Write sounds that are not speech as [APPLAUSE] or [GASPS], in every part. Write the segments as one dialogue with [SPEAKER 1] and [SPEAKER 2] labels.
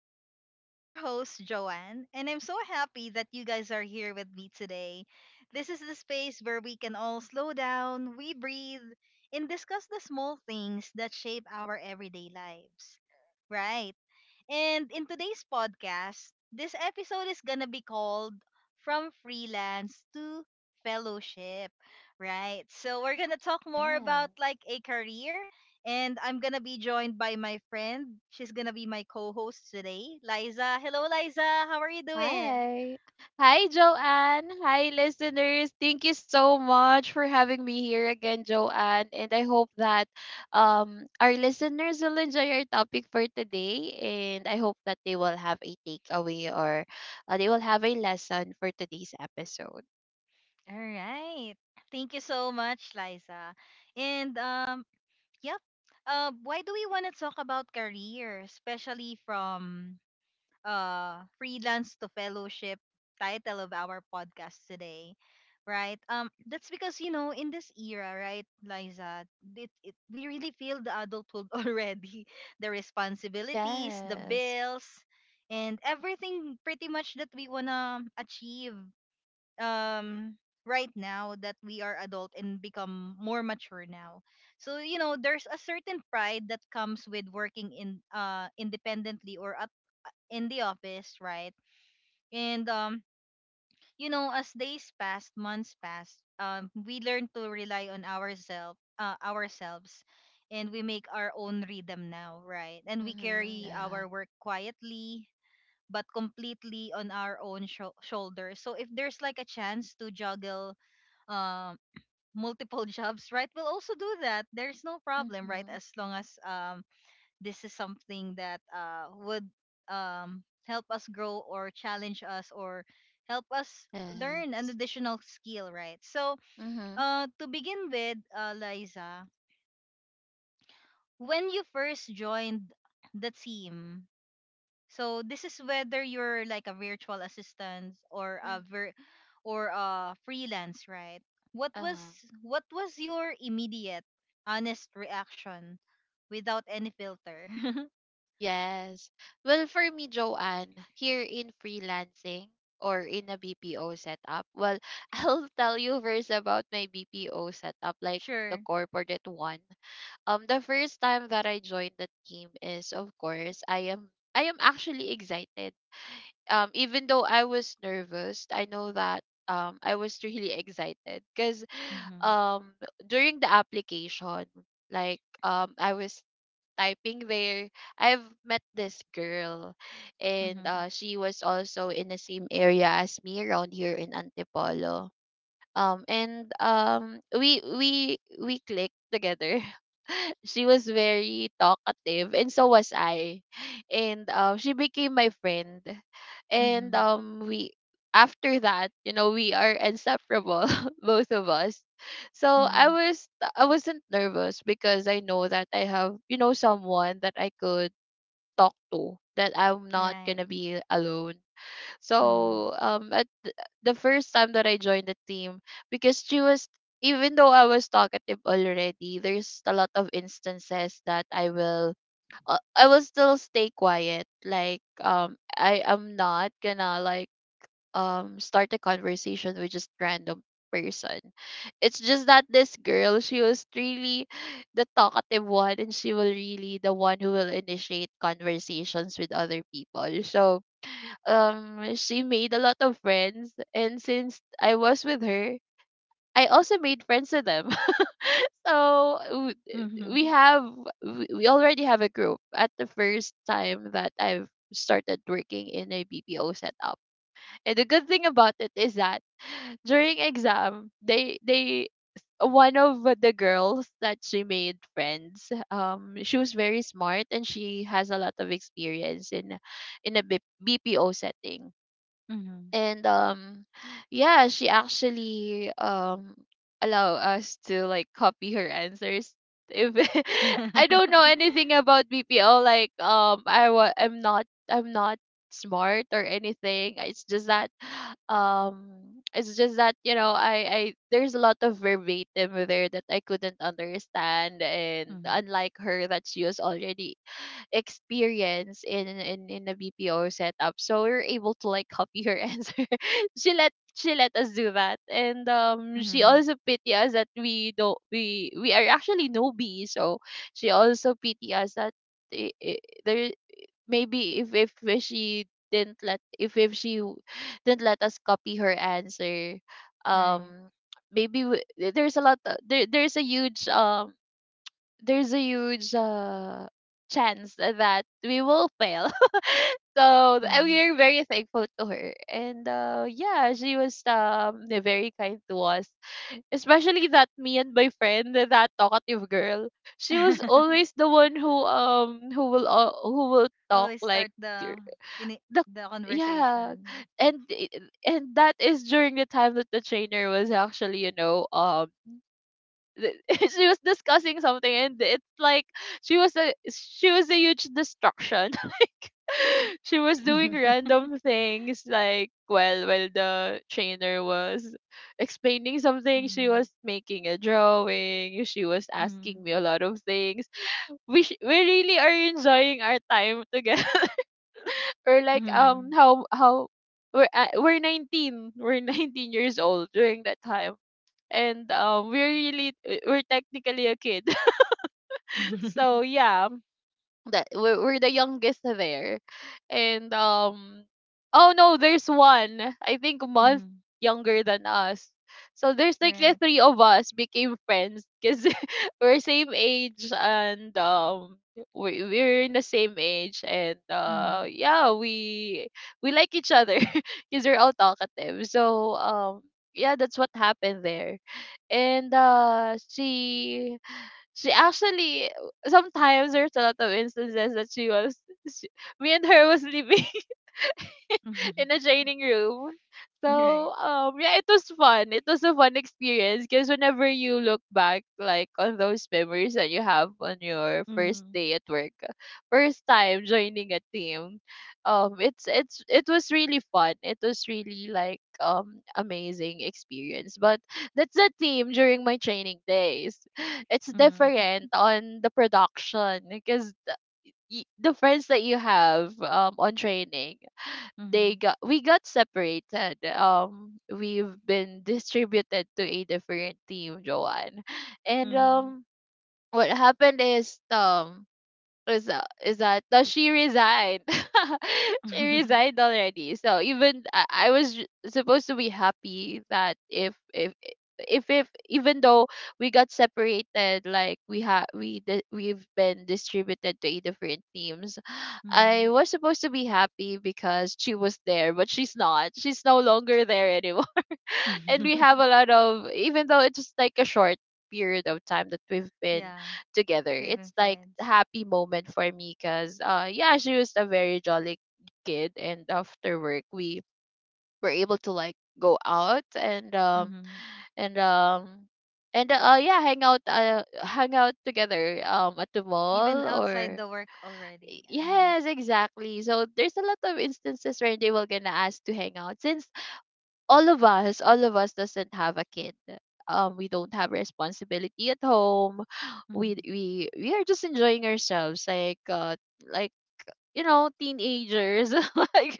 [SPEAKER 1] Joanne. I'm your host, Joanne, and I'm so happy that you guys are here with me today. This is the space where we can all slow down, we breathe, and discuss the small things that shape our everyday lives. Right. And in today's podcast, this episode is gonna be called From Freelance to Fellowship, right? So we're gonna talk more
[SPEAKER 2] Yeah.
[SPEAKER 1] about like a career, and I'm gonna be joined by my friend. She's gonna be my co host today, Liza. Hello, Liza. How are you doing?
[SPEAKER 2] Hi. Hi, Joanne. Hi, listeners. Thank you so much for having me here again, Joanne. And I hope that our listeners will enjoy our topic for today. And I hope that they will have a takeaway or they will have a lesson for today's episode.
[SPEAKER 1] All right. Thank you so much, Liza. And yep. Why do we want to talk about career, especially from freelance to fellowship, title of our podcast today, right? That's because, you know, in this era, right, Liza, we really feel the adulthood [LAUGHS] already, the responsibilities, the
[SPEAKER 2] Yes.
[SPEAKER 1] bills, and everything pretty much that we wanna achieve. um right now that we are adult and become more mature now, so you know, there's a certain pride that comes with working in independently or at in the office, right? And you know, as days passed, months passed, we learned to rely on ourselves, and we make our own rhythm now, right? And we
[SPEAKER 2] Mm-hmm.
[SPEAKER 1] carry
[SPEAKER 2] Yeah.
[SPEAKER 1] our work quietly but completely on our own shoulders. So if there's like a chance to juggle um multiple [LAUGHS] jobs, right? We'll also do that. There's no problem, right?
[SPEAKER 2] Mm-hmm.
[SPEAKER 1] As long as this is something that would help us grow or challenge us or help us learn an
[SPEAKER 2] Yes.
[SPEAKER 1] additional skill, right? So,
[SPEAKER 2] Mm-hmm.
[SPEAKER 1] to begin with, Liza, when you first joined the team, so this is whether you're like a virtual assistant or or a freelance, right? What was
[SPEAKER 2] Uh-huh.
[SPEAKER 1] what was your immediate honest reaction without any filter? [LAUGHS]
[SPEAKER 2] Yes. Well, for me, Joanne, here in freelancing or in a BPO setup, well, [LAUGHS] I'll tell you first about my BPO setup, like the
[SPEAKER 1] Sure.
[SPEAKER 2] corporate one. The first time that I joined the team is, of course, I am actually excited. Even though I was nervous, I know that I was really excited because
[SPEAKER 1] Mm-hmm.
[SPEAKER 2] um during the application, I was typing where I've met this girl, and
[SPEAKER 1] Mhm.
[SPEAKER 2] she was also in the same area as me around here in Antipolo. And We clicked together. [LAUGHS] She was very talkative, and so was I. and She became my friend. And
[SPEAKER 1] Mhm.
[SPEAKER 2] we After that, you know, we are inseparable. [LAUGHS] Both of us. So I
[SPEAKER 1] Mhm.
[SPEAKER 2] was, I wasn't nervous because I know that I have, you know, someone that I could talk to, that I'm not
[SPEAKER 1] Right.
[SPEAKER 2] gonna be alone.
[SPEAKER 1] Mhm.
[SPEAKER 2] So the first time that I joined the team, because she was, even though I was talkative already, there's a lot of instances that I will, I will still stay quiet. Like, I am not gonna like start a conversation with just random person. It's just that this girl, she was really the talkative one, and she will really the one who will initiate conversations with other people. So she made a lot of friends, and since I was with her, I also made friends with them. [LAUGHS] so w- we
[SPEAKER 1] Mhm.
[SPEAKER 2] have, we already have a group at the first time that I've started working in a BPO setup. And the good thing about it is that during exam, they one of the girls that she made friends, she was very smart and she has a lot of experience in bpo setting.
[SPEAKER 1] Mhm.
[SPEAKER 2] And Yeah, she actually allow us to like copy her answers. If [LAUGHS] I don't know anything about bpo, like I'm not smart or anything, it's just that um it's just that, you know, I there's a lot of verbatim there that I couldn't understand, and
[SPEAKER 1] Mhm.
[SPEAKER 2] unlike her that she was already experience in a BPO setup. So we are able to like copy her [LAUGHS] answer. She let us do that, and she
[SPEAKER 1] Mhm. [LAUGHS]
[SPEAKER 2] also pity us that we don't, we are actually newbies. So she also pity us that I there maybe if she, didn't let, if she w- didn't let us copy her answer,
[SPEAKER 1] Right.
[SPEAKER 2] um, maybe there's a lot, there's a huge, there's a huge, chance that we will fail. [LAUGHS] So, and we
[SPEAKER 1] Mhm.
[SPEAKER 2] are very thankful to her, and yeah, she was very kind to us, especially that me and my friend, that talkative girl. She was always
[SPEAKER 1] [LAUGHS]
[SPEAKER 2] the one who will, who will talk
[SPEAKER 1] Always
[SPEAKER 2] like
[SPEAKER 1] start
[SPEAKER 2] gr-
[SPEAKER 1] the ini-
[SPEAKER 2] the
[SPEAKER 1] the
[SPEAKER 2] yeah.
[SPEAKER 1] conversation.
[SPEAKER 2] and i- and that is during the time that the trainer was actually, you know, th- [LAUGHS] she was discussing something, and it's like she was a huge distraction. [LAUGHS] Like, she was doing
[SPEAKER 1] [LAUGHS]
[SPEAKER 2] random things like, well, while the trainer was explaining something, she
[SPEAKER 1] Mhm.
[SPEAKER 2] was making a drawing, she was asking
[SPEAKER 1] Mhm.
[SPEAKER 2] me a lot of things. We really are enjoying our time together. [LAUGHS] Or like,
[SPEAKER 1] Mhm.
[SPEAKER 2] how we're, we're 19 years old during that time, and we're really, we're technically a kid. So yeah, that we're the youngest there, and oh no, there's one I think a month
[SPEAKER 1] Mhm. [LAUGHS]
[SPEAKER 2] younger than us. So there's like the
[SPEAKER 1] Right.
[SPEAKER 2] three of us became friends because [LAUGHS] we're same age, and we're in the same age, and
[SPEAKER 1] Mhm.
[SPEAKER 2] yeah, we like each other [LAUGHS] because we're all talkative. So yeah, that's what happened there. And She actually, sometimes there's a lot of instances that she, me and her was living
[SPEAKER 1] Mhm.
[SPEAKER 2] in a training room.
[SPEAKER 1] [LAUGHS] Right.
[SPEAKER 2] So yeah, it was fun. It was a fun experience because whenever you look back, like on those memories that you have on your first
[SPEAKER 1] Mhm.
[SPEAKER 2] day at work, first time joining a team, it was really fun. It was really like amazing experience. But that's the team during my training days. [SIGHS] [LAUGHS] It's
[SPEAKER 1] Mhm.
[SPEAKER 2] different on the production because the friends that you have on training, they
[SPEAKER 1] Mhm.
[SPEAKER 2] got we got separated. We've been distributed to a different team, Joanne, and
[SPEAKER 1] Mhm.
[SPEAKER 2] what happened is is that, no, she resigned. [LAUGHS] She
[SPEAKER 1] Mhm.
[SPEAKER 2] resigned already. So even I was supposed to be happy that, if even though we got separated, like we have we di- we've been distributed to 8 different teams, I
[SPEAKER 1] Mhm.
[SPEAKER 2] was supposed to be happy because she was there, but she's not, she's no longer there anyway. And we have
[SPEAKER 1] [LAUGHS]
[SPEAKER 2] a
[SPEAKER 1] [LAUGHS]
[SPEAKER 2] lot of, even though it's just like a short period of time that we've been
[SPEAKER 1] Yeah.
[SPEAKER 2] together,
[SPEAKER 1] We live in
[SPEAKER 2] it's like a
[SPEAKER 1] friends.
[SPEAKER 2] happy moment for me because, yeah, she was a very jolly kid, and after work, we were able to like go out, and
[SPEAKER 1] Mm-hmm.
[SPEAKER 2] and um yeah, hang out, hang out together, at the
[SPEAKER 1] Even
[SPEAKER 2] mall,
[SPEAKER 1] outside
[SPEAKER 2] or
[SPEAKER 1] the work already. Uh-huh.
[SPEAKER 2] yes, exactly. So there's a lot of instances where they were gonna ask to hang out, since all of us doesn't have a kid. We don't have responsibility at home. [SIGHS] We
[SPEAKER 1] Mhm.
[SPEAKER 2] we we are just enjoying ourselves, like, like you know, teenagers. [LAUGHS] Like,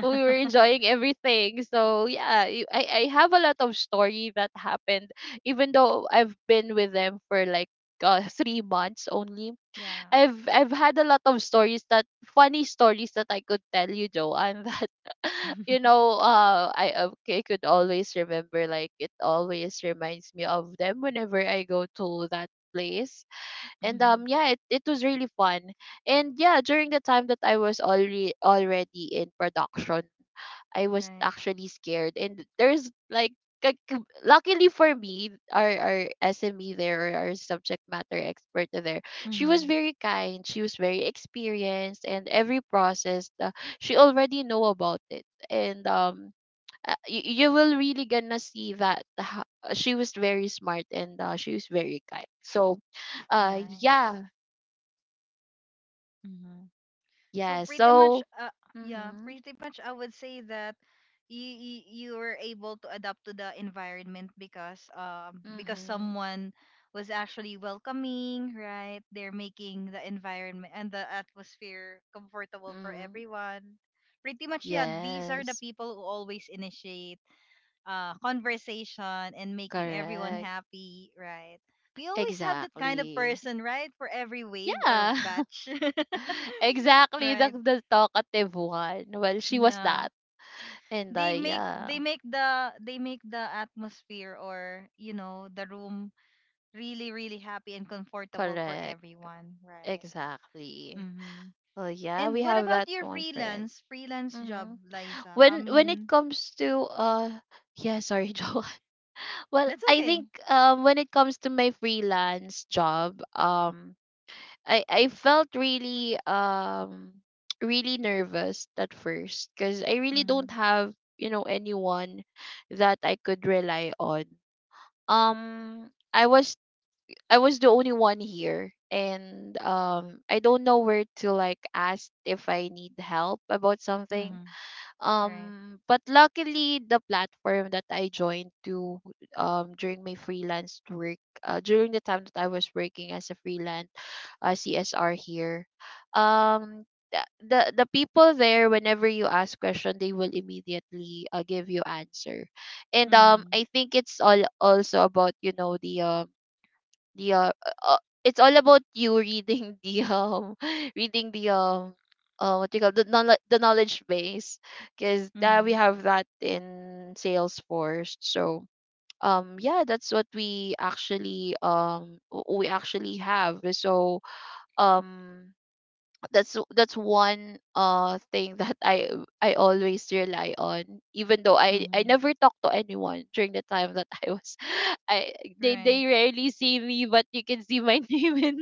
[SPEAKER 2] we were enjoying everything. So yeah, I have a lot of story that happened, even though I've been with them for like, 3 months only.
[SPEAKER 1] Yeah.
[SPEAKER 2] I've had a lot of stories, that funny stories that I could tell you, Joe, and that, [LAUGHS] you
[SPEAKER 1] [LAUGHS]
[SPEAKER 2] know, I could always remember. Like, it always reminds me of them whenever I go to that place. And
[SPEAKER 1] Mhm.
[SPEAKER 2] yeah, it was really fun. And yeah, during the time that I was already in production, I was
[SPEAKER 1] Right.
[SPEAKER 2] actually scared. And there's like, luckily for me, our SME there, or our subject matter expert there, she was
[SPEAKER 1] Hmm.
[SPEAKER 2] very kind. She was very experienced, and every process, she already know about it. And you, you will really gonna see that she was very smart, and she was very kind. So,
[SPEAKER 1] Nice.
[SPEAKER 2] yeah,
[SPEAKER 1] Hmm. So
[SPEAKER 2] yeah.
[SPEAKER 1] pretty much,
[SPEAKER 2] So,
[SPEAKER 1] yeah,
[SPEAKER 2] mhm,
[SPEAKER 1] pretty much I would say that you were able to adapt to the environment, because
[SPEAKER 2] mhm,
[SPEAKER 1] someone was actually welcoming, right? They're making the environment and the atmosphere comfortable for
[SPEAKER 2] mhm.
[SPEAKER 1] everyone. Pretty much, yeah. These are the
[SPEAKER 2] Yes,
[SPEAKER 1] people who always initiate conversation and making everyone
[SPEAKER 2] correct.
[SPEAKER 1] happy, right? We always have that kind of
[SPEAKER 2] Exactly.
[SPEAKER 1] person, right? For every wave or
[SPEAKER 2] Yeah.
[SPEAKER 1] batch, [LAUGHS]
[SPEAKER 2] [LAUGHS] Exactly,
[SPEAKER 1] right?
[SPEAKER 2] the talkative one. Well, she was
[SPEAKER 1] Yeah.
[SPEAKER 2] that. And
[SPEAKER 1] They make they
[SPEAKER 2] yeah,
[SPEAKER 1] make the they make the atmosphere or, you know, the room really really happy and comfortable for
[SPEAKER 2] correct.
[SPEAKER 1] everyone, right?
[SPEAKER 2] Exactly.
[SPEAKER 1] Mhm.
[SPEAKER 2] Oh yeah,
[SPEAKER 1] And
[SPEAKER 2] we
[SPEAKER 1] what
[SPEAKER 2] have
[SPEAKER 1] about
[SPEAKER 2] that
[SPEAKER 1] your
[SPEAKER 2] one friend.
[SPEAKER 1] freelance job,
[SPEAKER 2] Hmm.
[SPEAKER 1] Liza? I
[SPEAKER 2] When it
[SPEAKER 1] mean,
[SPEAKER 2] comes to, yeah, sorry, [LAUGHS] Joe. Well,
[SPEAKER 1] that's
[SPEAKER 2] I
[SPEAKER 1] okay.
[SPEAKER 2] think, when it comes to my freelance job, I felt really, [TSK] really nervous at first, because I really don't
[SPEAKER 1] Mhm.
[SPEAKER 2] have, you know, anyone that I could rely on. Um, I was the only one here, and I don't know where to like ask if I need help about something.
[SPEAKER 1] Mhm. Right.
[SPEAKER 2] But luckily, the platform that I joined to, during my freelance work, during the time that I was working as a freelance, CSR here, um, the people there, whenever you ask question, they will immediately, give you answer, and
[SPEAKER 1] Mhm.
[SPEAKER 2] I think it's all also about, you know, the uh it's all about you reading [LAUGHS] the, [LAUGHS] reading the what you call the knowledge base, because that we
[SPEAKER 1] Mhm.
[SPEAKER 2] have that in Salesforce. So yeah, that's what we actually, we actually have. So um that's one, thing that I always rely on, even though I
[SPEAKER 1] Mhm.
[SPEAKER 2] never talked to anyone during the time that I was [LAUGHS] I
[SPEAKER 1] Right.
[SPEAKER 2] they rarely see me, but you can see my [LAUGHS] name in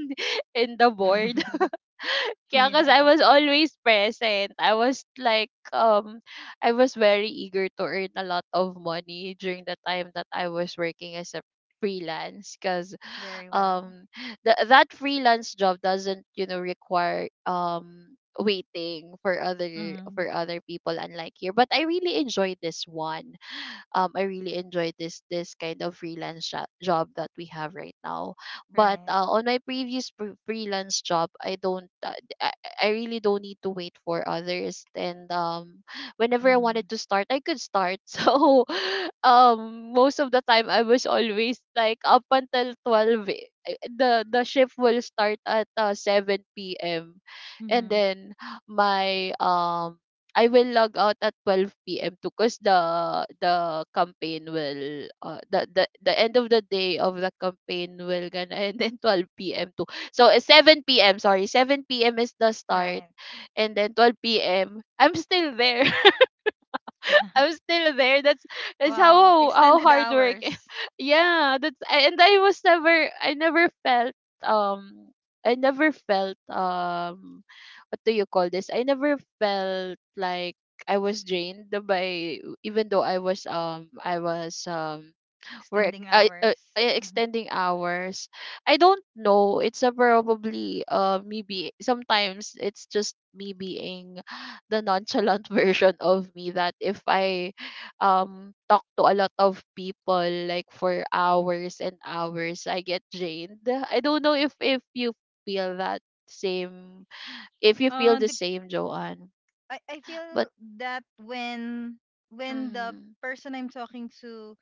[SPEAKER 2] in the board.
[SPEAKER 1] [LAUGHS]
[SPEAKER 2] [LAUGHS] Kaya, cause I
[SPEAKER 1] Yeah,
[SPEAKER 2] was always present. I was like, I was very eager to earn a lot of money during the time that I was working as a freelance, because
[SPEAKER 1] very well.
[SPEAKER 2] um that freelance job doesn't, you know, require waiting for other,
[SPEAKER 1] Hmm.
[SPEAKER 2] for other people, unlike here, but I really enjoyed this one. I really enjoy this, this kind of freelance job that we have right now. But,
[SPEAKER 1] Right.
[SPEAKER 2] on my previous freelance job, I don't, I really don't need to wait for others. And whenever I wanted
[SPEAKER 1] Hmm.
[SPEAKER 2] to start, I could start. [LAUGHS] So most of the time, I was always like up until 12. The shift will start at 7 p.m., and
[SPEAKER 1] Hmm.
[SPEAKER 2] then my I will log out at 12 p.m. too, cause the campaign will the end of the day of the campaign will gonna end in 12 p.m. too. So 7 p.m., sorry, 7 p.m. is the start,
[SPEAKER 1] Right.
[SPEAKER 2] and then 12 p.m. I'm still there. I'm
[SPEAKER 1] [LAUGHS]
[SPEAKER 2] still there. That's
[SPEAKER 1] Wow,
[SPEAKER 2] how
[SPEAKER 1] extended
[SPEAKER 2] hard work.
[SPEAKER 1] hours,
[SPEAKER 2] [LAUGHS] Yeah, that's, and I never felt, um I never felt, what do you call this? I never felt like I was drained by, even though I was work
[SPEAKER 1] extending hours. Hmm.
[SPEAKER 2] extending hours. I don't know, it's a probably me be, sometimes it's just me being [SIGHS] the nonchalant [LAUGHS] version of me that if I talk to a lot of people like for hours and hours, I get drained. I don't know if you feel that same, if you feel
[SPEAKER 1] Uh,
[SPEAKER 2] the
[SPEAKER 1] the,
[SPEAKER 2] same, Joanne.
[SPEAKER 1] I
[SPEAKER 2] But
[SPEAKER 1] feel that when the
[SPEAKER 2] mm,
[SPEAKER 1] person I'm talking to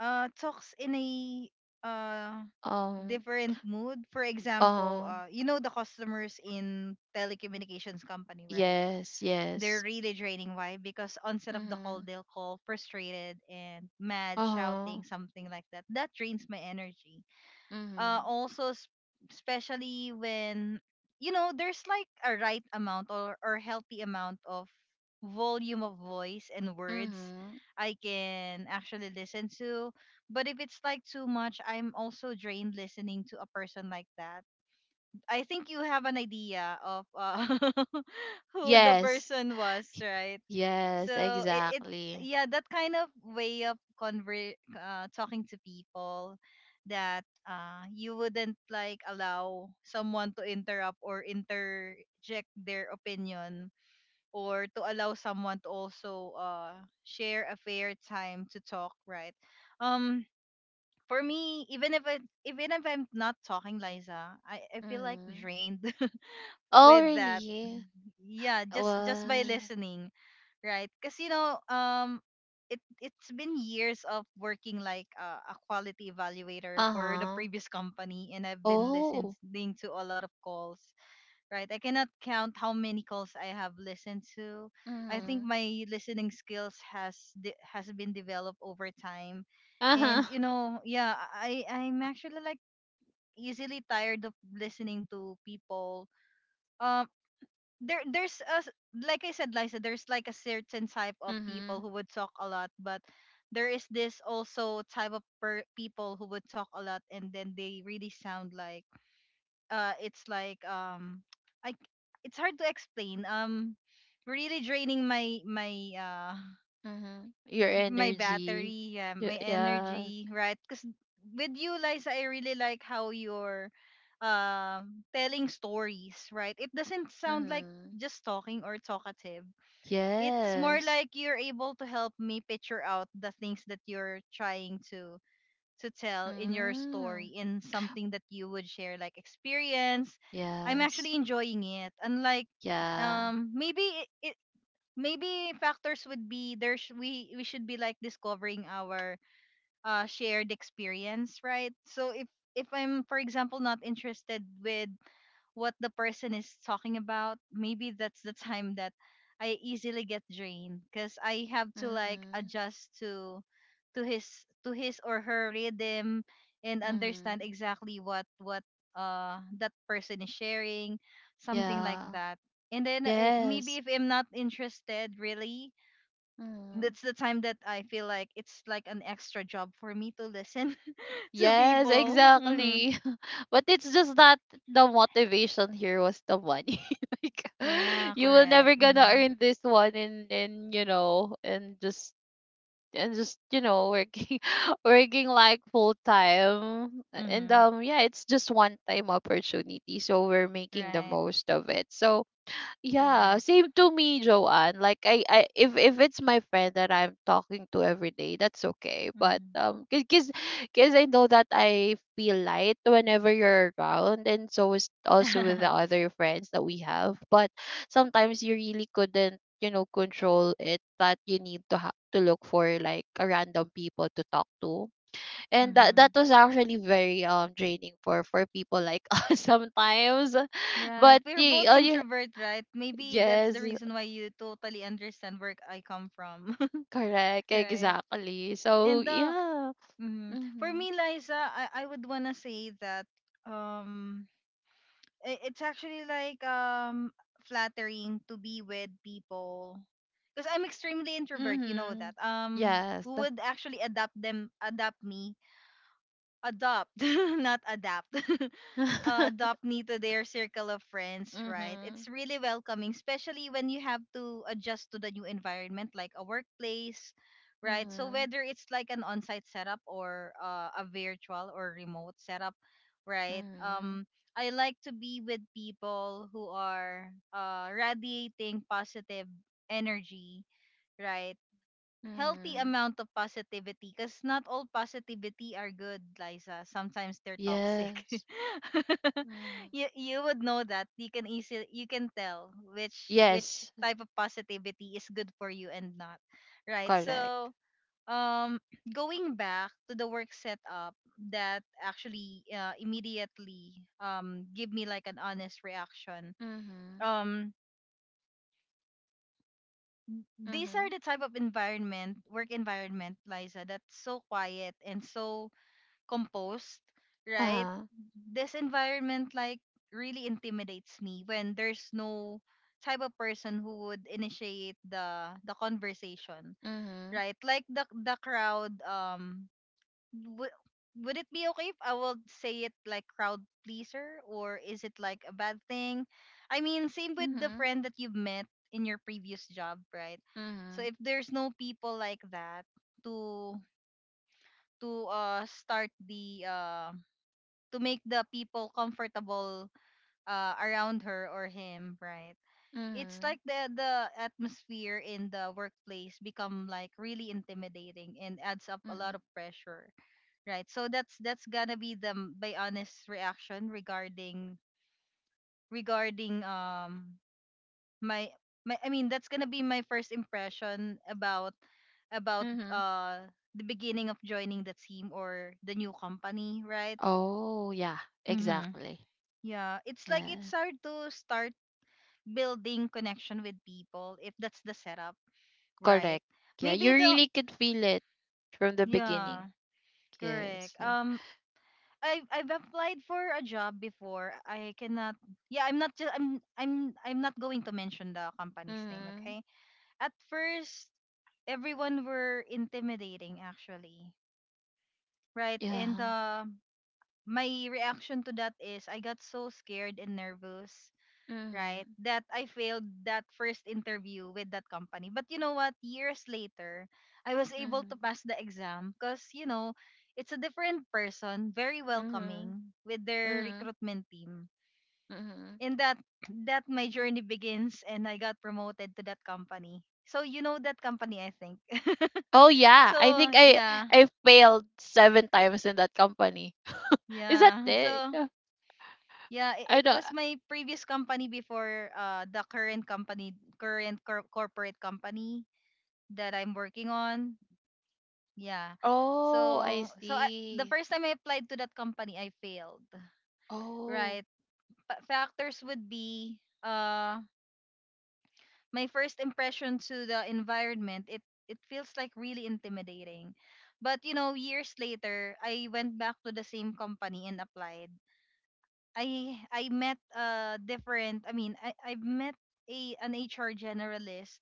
[SPEAKER 1] talks in a uh
[SPEAKER 2] um
[SPEAKER 1] different mood. For example,
[SPEAKER 2] uh
[SPEAKER 1] you know, the customers in telecommunications company, right?
[SPEAKER 2] yes,
[SPEAKER 1] They're
[SPEAKER 2] yes,
[SPEAKER 1] really draining. Why? Because onset of the call,
[SPEAKER 2] mm,
[SPEAKER 1] they'll call frustrated and mad,
[SPEAKER 2] uh-huh.
[SPEAKER 1] shouting, something like that. That drains my energy.
[SPEAKER 2] Mm-hmm.
[SPEAKER 1] Also, especially when you know there's like a right amount or healthy amount of volume of voice and words
[SPEAKER 2] Mm-hmm.
[SPEAKER 1] I can actually listen to. But if it's like too much, I'm also drained listening to a person like that. I think you have an idea of [LAUGHS] who the
[SPEAKER 2] Yes.
[SPEAKER 1] person was, right?
[SPEAKER 2] Yes,
[SPEAKER 1] So it
[SPEAKER 2] exactly.
[SPEAKER 1] yeah, that kind of way of conver talking to people, that you wouldn't like allow someone to interrupt or interject their opinion, or to allow someone to also share a fair time to talk, right. um for me, even if I'm not talking, Liza, I feel like
[SPEAKER 2] Mm-hmm.
[SPEAKER 1] drained [LAUGHS]
[SPEAKER 2] Oh,
[SPEAKER 1] with that,
[SPEAKER 2] really?
[SPEAKER 1] yeah, just by
[SPEAKER 2] What?
[SPEAKER 1] listening, right? Because you know, it's been years of working like a quality evaluator for the
[SPEAKER 2] Uh-huh.
[SPEAKER 1] previous company, and I've been
[SPEAKER 2] Oh.
[SPEAKER 1] listening to a lot of calls, right? I cannot count how many calls I have listened to. I think
[SPEAKER 2] Mm-hmm.
[SPEAKER 1] my listening skills has been developed over time,
[SPEAKER 2] Uh-huh.
[SPEAKER 1] and you know, yeah, I'm actually like easily tired of listening to people. Um, there's a like I said, Liza, there's like a certain type of
[SPEAKER 2] Mm-hmm.
[SPEAKER 1] people who would talk a lot, but there is this also type of people who would talk a lot, and then they really sound like it's like [TSK] I c- it's hard to explain. Really draining uh
[SPEAKER 2] Mm-hmm. Your
[SPEAKER 1] my
[SPEAKER 2] energy.
[SPEAKER 1] battery, yeah,
[SPEAKER 2] Y-
[SPEAKER 1] my
[SPEAKER 2] yeah.
[SPEAKER 1] energy, right? Because with you, Liza, I really like how you're telling stories, right? It doesn't sound like
[SPEAKER 2] Mm-hmm.
[SPEAKER 1] just talking or talkative. It's more
[SPEAKER 2] Yes.
[SPEAKER 1] like you're able to help me picture out the things that you're trying to tell in your
[SPEAKER 2] Mm-hmm.
[SPEAKER 1] story in something that you would share like experience. I'm
[SPEAKER 2] Yes.
[SPEAKER 1] actually enjoying it. Unlike,
[SPEAKER 2] Yeah.
[SPEAKER 1] maybe it, maybe factors would be there's we should be like discovering our shared experience, right? So if I'm, for example, not interested with what the person is talking about, maybe that's the time that I easily get drained because I have to like
[SPEAKER 2] Mm-hmm.
[SPEAKER 1] adjust to his to his or her rhythm and understand
[SPEAKER 2] Mm-hmm.
[SPEAKER 1] exactly what that person is sharing, something like
[SPEAKER 2] Yeah.
[SPEAKER 1] that. And then, maybe
[SPEAKER 2] Yes.
[SPEAKER 1] if I'm not interested really,
[SPEAKER 2] Mm-hmm.
[SPEAKER 1] that's the time that I feel like it's like an extra job for me to listen [LAUGHS] to
[SPEAKER 2] Yes,
[SPEAKER 1] people. Hmm.
[SPEAKER 2] exactly. [LAUGHS] But it's just that the motivation here was the money. [LAUGHS] Like, [LAUGHS]
[SPEAKER 1] Yeah,
[SPEAKER 2] you will
[SPEAKER 1] correct.
[SPEAKER 2] never gonna
[SPEAKER 1] Mm-hmm.
[SPEAKER 2] earn this one, and and just working [LAUGHS] working like full time, and
[SPEAKER 1] Mm-hmm.
[SPEAKER 2] yeah, it's just one time opportunity, so we're making the
[SPEAKER 1] Right.
[SPEAKER 2] most of it, so yeah,
[SPEAKER 1] Correct.
[SPEAKER 2] same to me, Joanne. Like, I if it's my friend that I'm talking to every day, that's okay. But because I know that I feel light whenever you're around, and so is also with the
[SPEAKER 1] Mm-hmm. [LAUGHS]
[SPEAKER 2] other friends that we have. But sometimes you really couldn't, control it. That you need to to look for like a random people to talk to, and that
[SPEAKER 1] Mm-hmm.
[SPEAKER 2] was actually very draining for people like [LAUGHS] us sometimes,
[SPEAKER 1] Right.
[SPEAKER 2] but
[SPEAKER 1] We're
[SPEAKER 2] you,
[SPEAKER 1] both
[SPEAKER 2] all you.
[SPEAKER 1] introvert, right? Maybe that's the
[SPEAKER 2] Yes,
[SPEAKER 1] reason why you totally understand where I come from.
[SPEAKER 2] correct,
[SPEAKER 1] [LAUGHS] Right.
[SPEAKER 2] exactly. So
[SPEAKER 1] And
[SPEAKER 2] yeah.
[SPEAKER 1] mhm, for
[SPEAKER 2] Mm-hmm.
[SPEAKER 1] me, Liza, I would wanna say that um it's actually like flattering to be with people because I'm extremely introvert. You know
[SPEAKER 2] Mm-hmm.
[SPEAKER 1] that.
[SPEAKER 2] Yes.
[SPEAKER 1] Who would actually adapt them, adapt me adopt, [LAUGHS] not adapt, [LAUGHS]
[SPEAKER 2] [LAUGHS]
[SPEAKER 1] adopt me to their circle of friends, right?
[SPEAKER 2] Mm-hmm.
[SPEAKER 1] It's really welcoming, especially when you have to adjust to the new environment, like a workplace, right? So
[SPEAKER 2] Mm-hmm.
[SPEAKER 1] whether it's like an on-site setup or a virtual or remote setup, right?
[SPEAKER 2] Mm-hmm.
[SPEAKER 1] I like to be with people who are radiating positive energy, right? Healthy
[SPEAKER 2] Mm-hmm.
[SPEAKER 1] amount of positivity, because not all positivity are good, Liza. Sometimes they're toxic.
[SPEAKER 2] Yes.
[SPEAKER 1] [LAUGHS]
[SPEAKER 2] Mm-hmm.
[SPEAKER 1] You would know that. You can tell which
[SPEAKER 2] Yes,
[SPEAKER 1] type of positivity is good for you and not. Right.
[SPEAKER 2] correct.
[SPEAKER 1] So um [CLEARS THROAT] going back to the work setup that actually immediately give me like an honest reaction.
[SPEAKER 2] Mm-hmm.
[SPEAKER 1] Um these
[SPEAKER 2] Mm-hmm.
[SPEAKER 1] are the type of environment, work environment, Liza, that's so quiet and so composed, right?
[SPEAKER 2] Uh-huh.
[SPEAKER 1] This environment like really intimidates me when there's no type of person who would initiate the conversation,
[SPEAKER 2] Mm-hmm.
[SPEAKER 1] right? Like the crowd, would would it be okay if I will say it like crowd pleaser, or is it like a bad thing? I mean, same with the
[SPEAKER 2] Mm-hmm.
[SPEAKER 1] friend that you've met in your previous job, right? So
[SPEAKER 2] Mm-hmm.
[SPEAKER 1] if there's no people like that to to uh start the uh to make the people comfortable around her or him, right? It's
[SPEAKER 2] Mm-hmm.
[SPEAKER 1] like the atmosphere in the workplace become like really intimidating and adds up a
[SPEAKER 2] Mm-hmm.
[SPEAKER 1] lot of pressure. Right. So that's gonna be my honest reaction regarding regarding um my my I mean, that's gonna be my first impression about about
[SPEAKER 2] Mm-hmm.
[SPEAKER 1] uh the beginning of joining the team or the new company, right?
[SPEAKER 2] Oh, yeah,
[SPEAKER 1] Mm-hmm.
[SPEAKER 2] exactly.
[SPEAKER 1] Yeah, it's like
[SPEAKER 2] Yes,
[SPEAKER 1] it's hard to start building connection with people if that's the setup, right?
[SPEAKER 2] correct. Yeah, you
[SPEAKER 1] Maybe the
[SPEAKER 2] really could feel it from the beginning.
[SPEAKER 1] Yeah,
[SPEAKER 2] Yes.
[SPEAKER 1] correct. I've applied for a job before. I cannot. Yeah, I'm not just. I'm not going to mention the company's name.
[SPEAKER 2] Mhm.
[SPEAKER 1] Okay. At first, everyone were intimidating actually, right? And
[SPEAKER 2] Yeah.
[SPEAKER 1] my reaction to that is I got so scared and nervous, right?
[SPEAKER 2] Mhm.
[SPEAKER 1] That I failed that first interview with that company. But you know what? Years later, I was able to
[SPEAKER 2] Mhm.
[SPEAKER 1] pass the exam because, you know, it's a different person, very
[SPEAKER 2] Mhm.
[SPEAKER 1] welcoming with their
[SPEAKER 2] Mhm.
[SPEAKER 1] recruitment team.
[SPEAKER 2] Mhm.
[SPEAKER 1] And that my journey begins and I got promoted to that company. So you know that company, I think.
[SPEAKER 2] Oh
[SPEAKER 1] [LAUGHS]
[SPEAKER 2] yeah, I
[SPEAKER 1] So,
[SPEAKER 2] think I
[SPEAKER 1] yeah,
[SPEAKER 2] I failed seven times in that company. [LAUGHS] Is that
[SPEAKER 1] yeah.
[SPEAKER 2] it?
[SPEAKER 1] So
[SPEAKER 2] Yeah.
[SPEAKER 1] yeah,
[SPEAKER 2] I
[SPEAKER 1] it
[SPEAKER 2] don't.
[SPEAKER 1] was my previous company before the current company, current corporate company that I'm working on. Yeah.
[SPEAKER 2] Oh, I
[SPEAKER 1] The
[SPEAKER 2] see.
[SPEAKER 1] first time I applied to that company, I failed.
[SPEAKER 2] Oh,
[SPEAKER 1] Right. But factors would be my first impression to the environment. It feels like really intimidating. But you know, years later, I went back to the same company and applied. I met different. I met a an HR generalist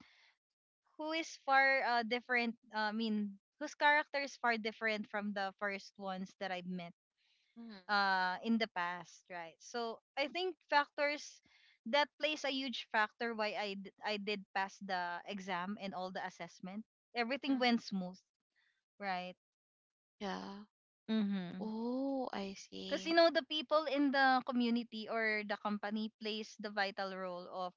[SPEAKER 1] who is far different. Whose character is far different from the first ones that I've met
[SPEAKER 2] mhm.
[SPEAKER 1] in the past, right? So I think factors that plays a huge factor why I did pass the exam and all the assessment. Everything
[SPEAKER 2] Mhm.
[SPEAKER 1] went smooth, right?
[SPEAKER 2] Yeah.
[SPEAKER 1] Mm-hmm.
[SPEAKER 2] Oh, I
[SPEAKER 1] Because you
[SPEAKER 2] see.
[SPEAKER 1] know, the people in the community or the company plays the vital role of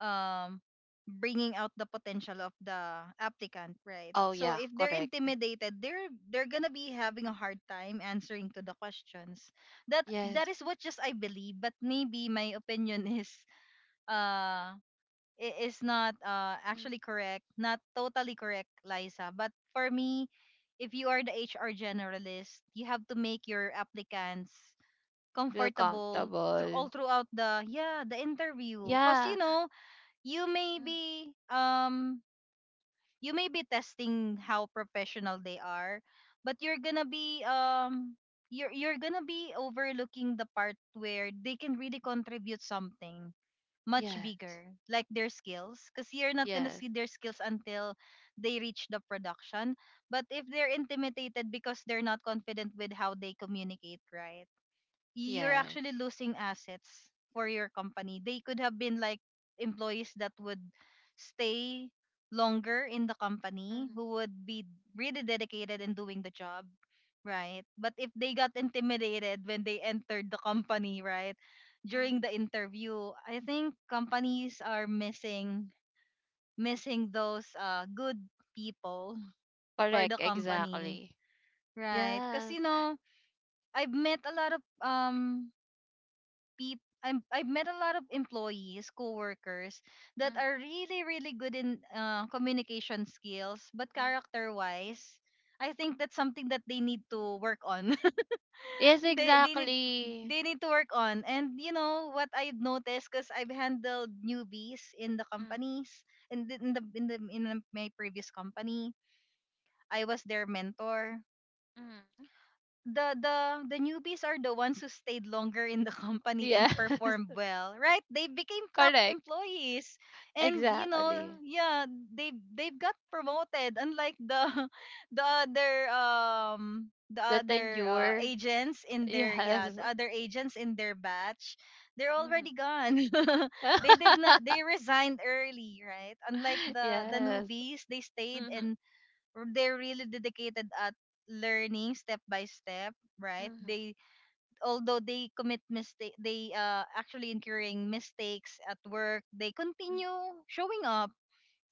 [SPEAKER 1] um bringing out the potential of the applicant, right?
[SPEAKER 2] Oh
[SPEAKER 1] So
[SPEAKER 2] yeah,
[SPEAKER 1] if they're
[SPEAKER 2] correct.
[SPEAKER 1] intimidated, they're gonna be having a hard time answering to the questions. That
[SPEAKER 2] Yes,
[SPEAKER 1] that is what just I believe, but maybe my opinion [LAUGHS] is uh is not
[SPEAKER 2] mhm,
[SPEAKER 1] actually correct, not totally correct, Liza, but for me, if you are the HR generalist, you have to make your applicants
[SPEAKER 2] feel
[SPEAKER 1] comfortable through all
[SPEAKER 2] comfortable.
[SPEAKER 1] throughout the yeah the interview, because
[SPEAKER 2] Yeah.
[SPEAKER 1] you know, you may
[SPEAKER 2] Mhm.
[SPEAKER 1] be um you may be testing how professional they are, but you're gonna be you're gonna be overlooking the part where they can really contribute something much
[SPEAKER 2] Yes.
[SPEAKER 1] bigger, like their skills, because you're not gonna
[SPEAKER 2] Yes.
[SPEAKER 1] see their skills until they reach the production. But if they're intimidated because they're not confident with how they communicate, right, you're
[SPEAKER 2] Yes.
[SPEAKER 1] actually losing assets for your company. They could have been like employees that would stay longer in the company,
[SPEAKER 2] Mhm.
[SPEAKER 1] who would be really dedicated in doing the job, right? But if they got intimidated when they entered the company, right?
[SPEAKER 2] Mhm.
[SPEAKER 1] During the interview, I think companies are missing, missing those good people for the
[SPEAKER 2] Correct.
[SPEAKER 1] company,
[SPEAKER 2] Exactly.
[SPEAKER 1] right? Cuz you
[SPEAKER 2] Yes.
[SPEAKER 1] know, I've met a lot of I've met a lot of employees, coworkers that
[SPEAKER 2] Mm,
[SPEAKER 1] are really, really good in communication skills, but
[SPEAKER 2] mm,
[SPEAKER 1] character-wise, I think that's something that they need to work on.
[SPEAKER 2] yes,
[SPEAKER 1] [LAUGHS] they they need
[SPEAKER 2] exactly.
[SPEAKER 1] they need to work on. And you know what I've noticed, because I've handled newbies in the
[SPEAKER 2] Mm,
[SPEAKER 1] companies, in the my previous company, I was their mentor.
[SPEAKER 2] mm.
[SPEAKER 1] The the newbies are the ones who stayed longer in the [LAUGHS] company and
[SPEAKER 2] Yes.
[SPEAKER 1] performed
[SPEAKER 2] [LAUGHS]
[SPEAKER 1] well, right? They became top
[SPEAKER 2] Correct.
[SPEAKER 1] employees, and you know,
[SPEAKER 2] Exactly.
[SPEAKER 1] yeah, they they've got promoted. Unlike the [LAUGHS] the
[SPEAKER 2] The
[SPEAKER 1] other
[SPEAKER 2] tenure.
[SPEAKER 1] agents in their yeah
[SPEAKER 2] Yes.
[SPEAKER 1] the other agents in their batch, they're
[SPEAKER 2] Mhm,
[SPEAKER 1] already gone. [LAUGHS] they did not they
[SPEAKER 2] [LAUGHS]
[SPEAKER 1] resigned early, right? Unlike the
[SPEAKER 2] yes.
[SPEAKER 1] newbies, they stayed
[SPEAKER 2] Mhm,
[SPEAKER 1] and they're really dedicated at learning step by step, right?
[SPEAKER 2] mhm,
[SPEAKER 1] They although they commit mistake, they actually incurring mistakes at work, they
[SPEAKER 2] mhm,
[SPEAKER 1] continue showing up.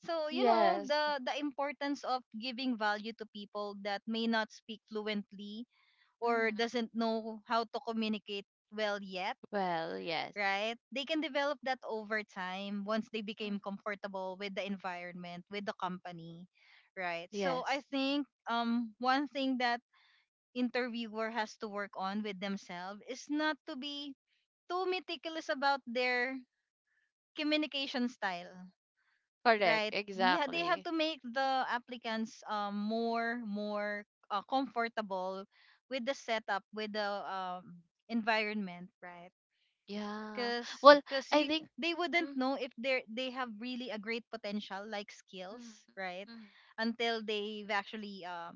[SPEAKER 1] So you know
[SPEAKER 2] yes.
[SPEAKER 1] the importance of giving value to people that may not speak fluently or
[SPEAKER 2] Mhm,
[SPEAKER 1] doesn't know how to communicate well yet,
[SPEAKER 2] well, yes.
[SPEAKER 1] right? They can develop that over time once they became
[SPEAKER 2] Mhm,
[SPEAKER 1] comfortable with the environment, with the company, right? So I
[SPEAKER 2] yes.
[SPEAKER 1] think one thing that interviewer has to work on with themselves is not to be too meticulous about their communication style,
[SPEAKER 2] Correct.
[SPEAKER 1] right? Yeah, they have
[SPEAKER 2] Exactly.
[SPEAKER 1] to make the applicants more more comfortable with the setup, with the environment, right?
[SPEAKER 2] Yeah.
[SPEAKER 1] because
[SPEAKER 2] Well,
[SPEAKER 1] because
[SPEAKER 2] I
[SPEAKER 1] you
[SPEAKER 2] think
[SPEAKER 1] they wouldn't
[SPEAKER 2] mhm,
[SPEAKER 1] know if they are they have really a great potential like
[SPEAKER 2] mhm,
[SPEAKER 1] skills, right,
[SPEAKER 2] mhm.
[SPEAKER 1] until they've actually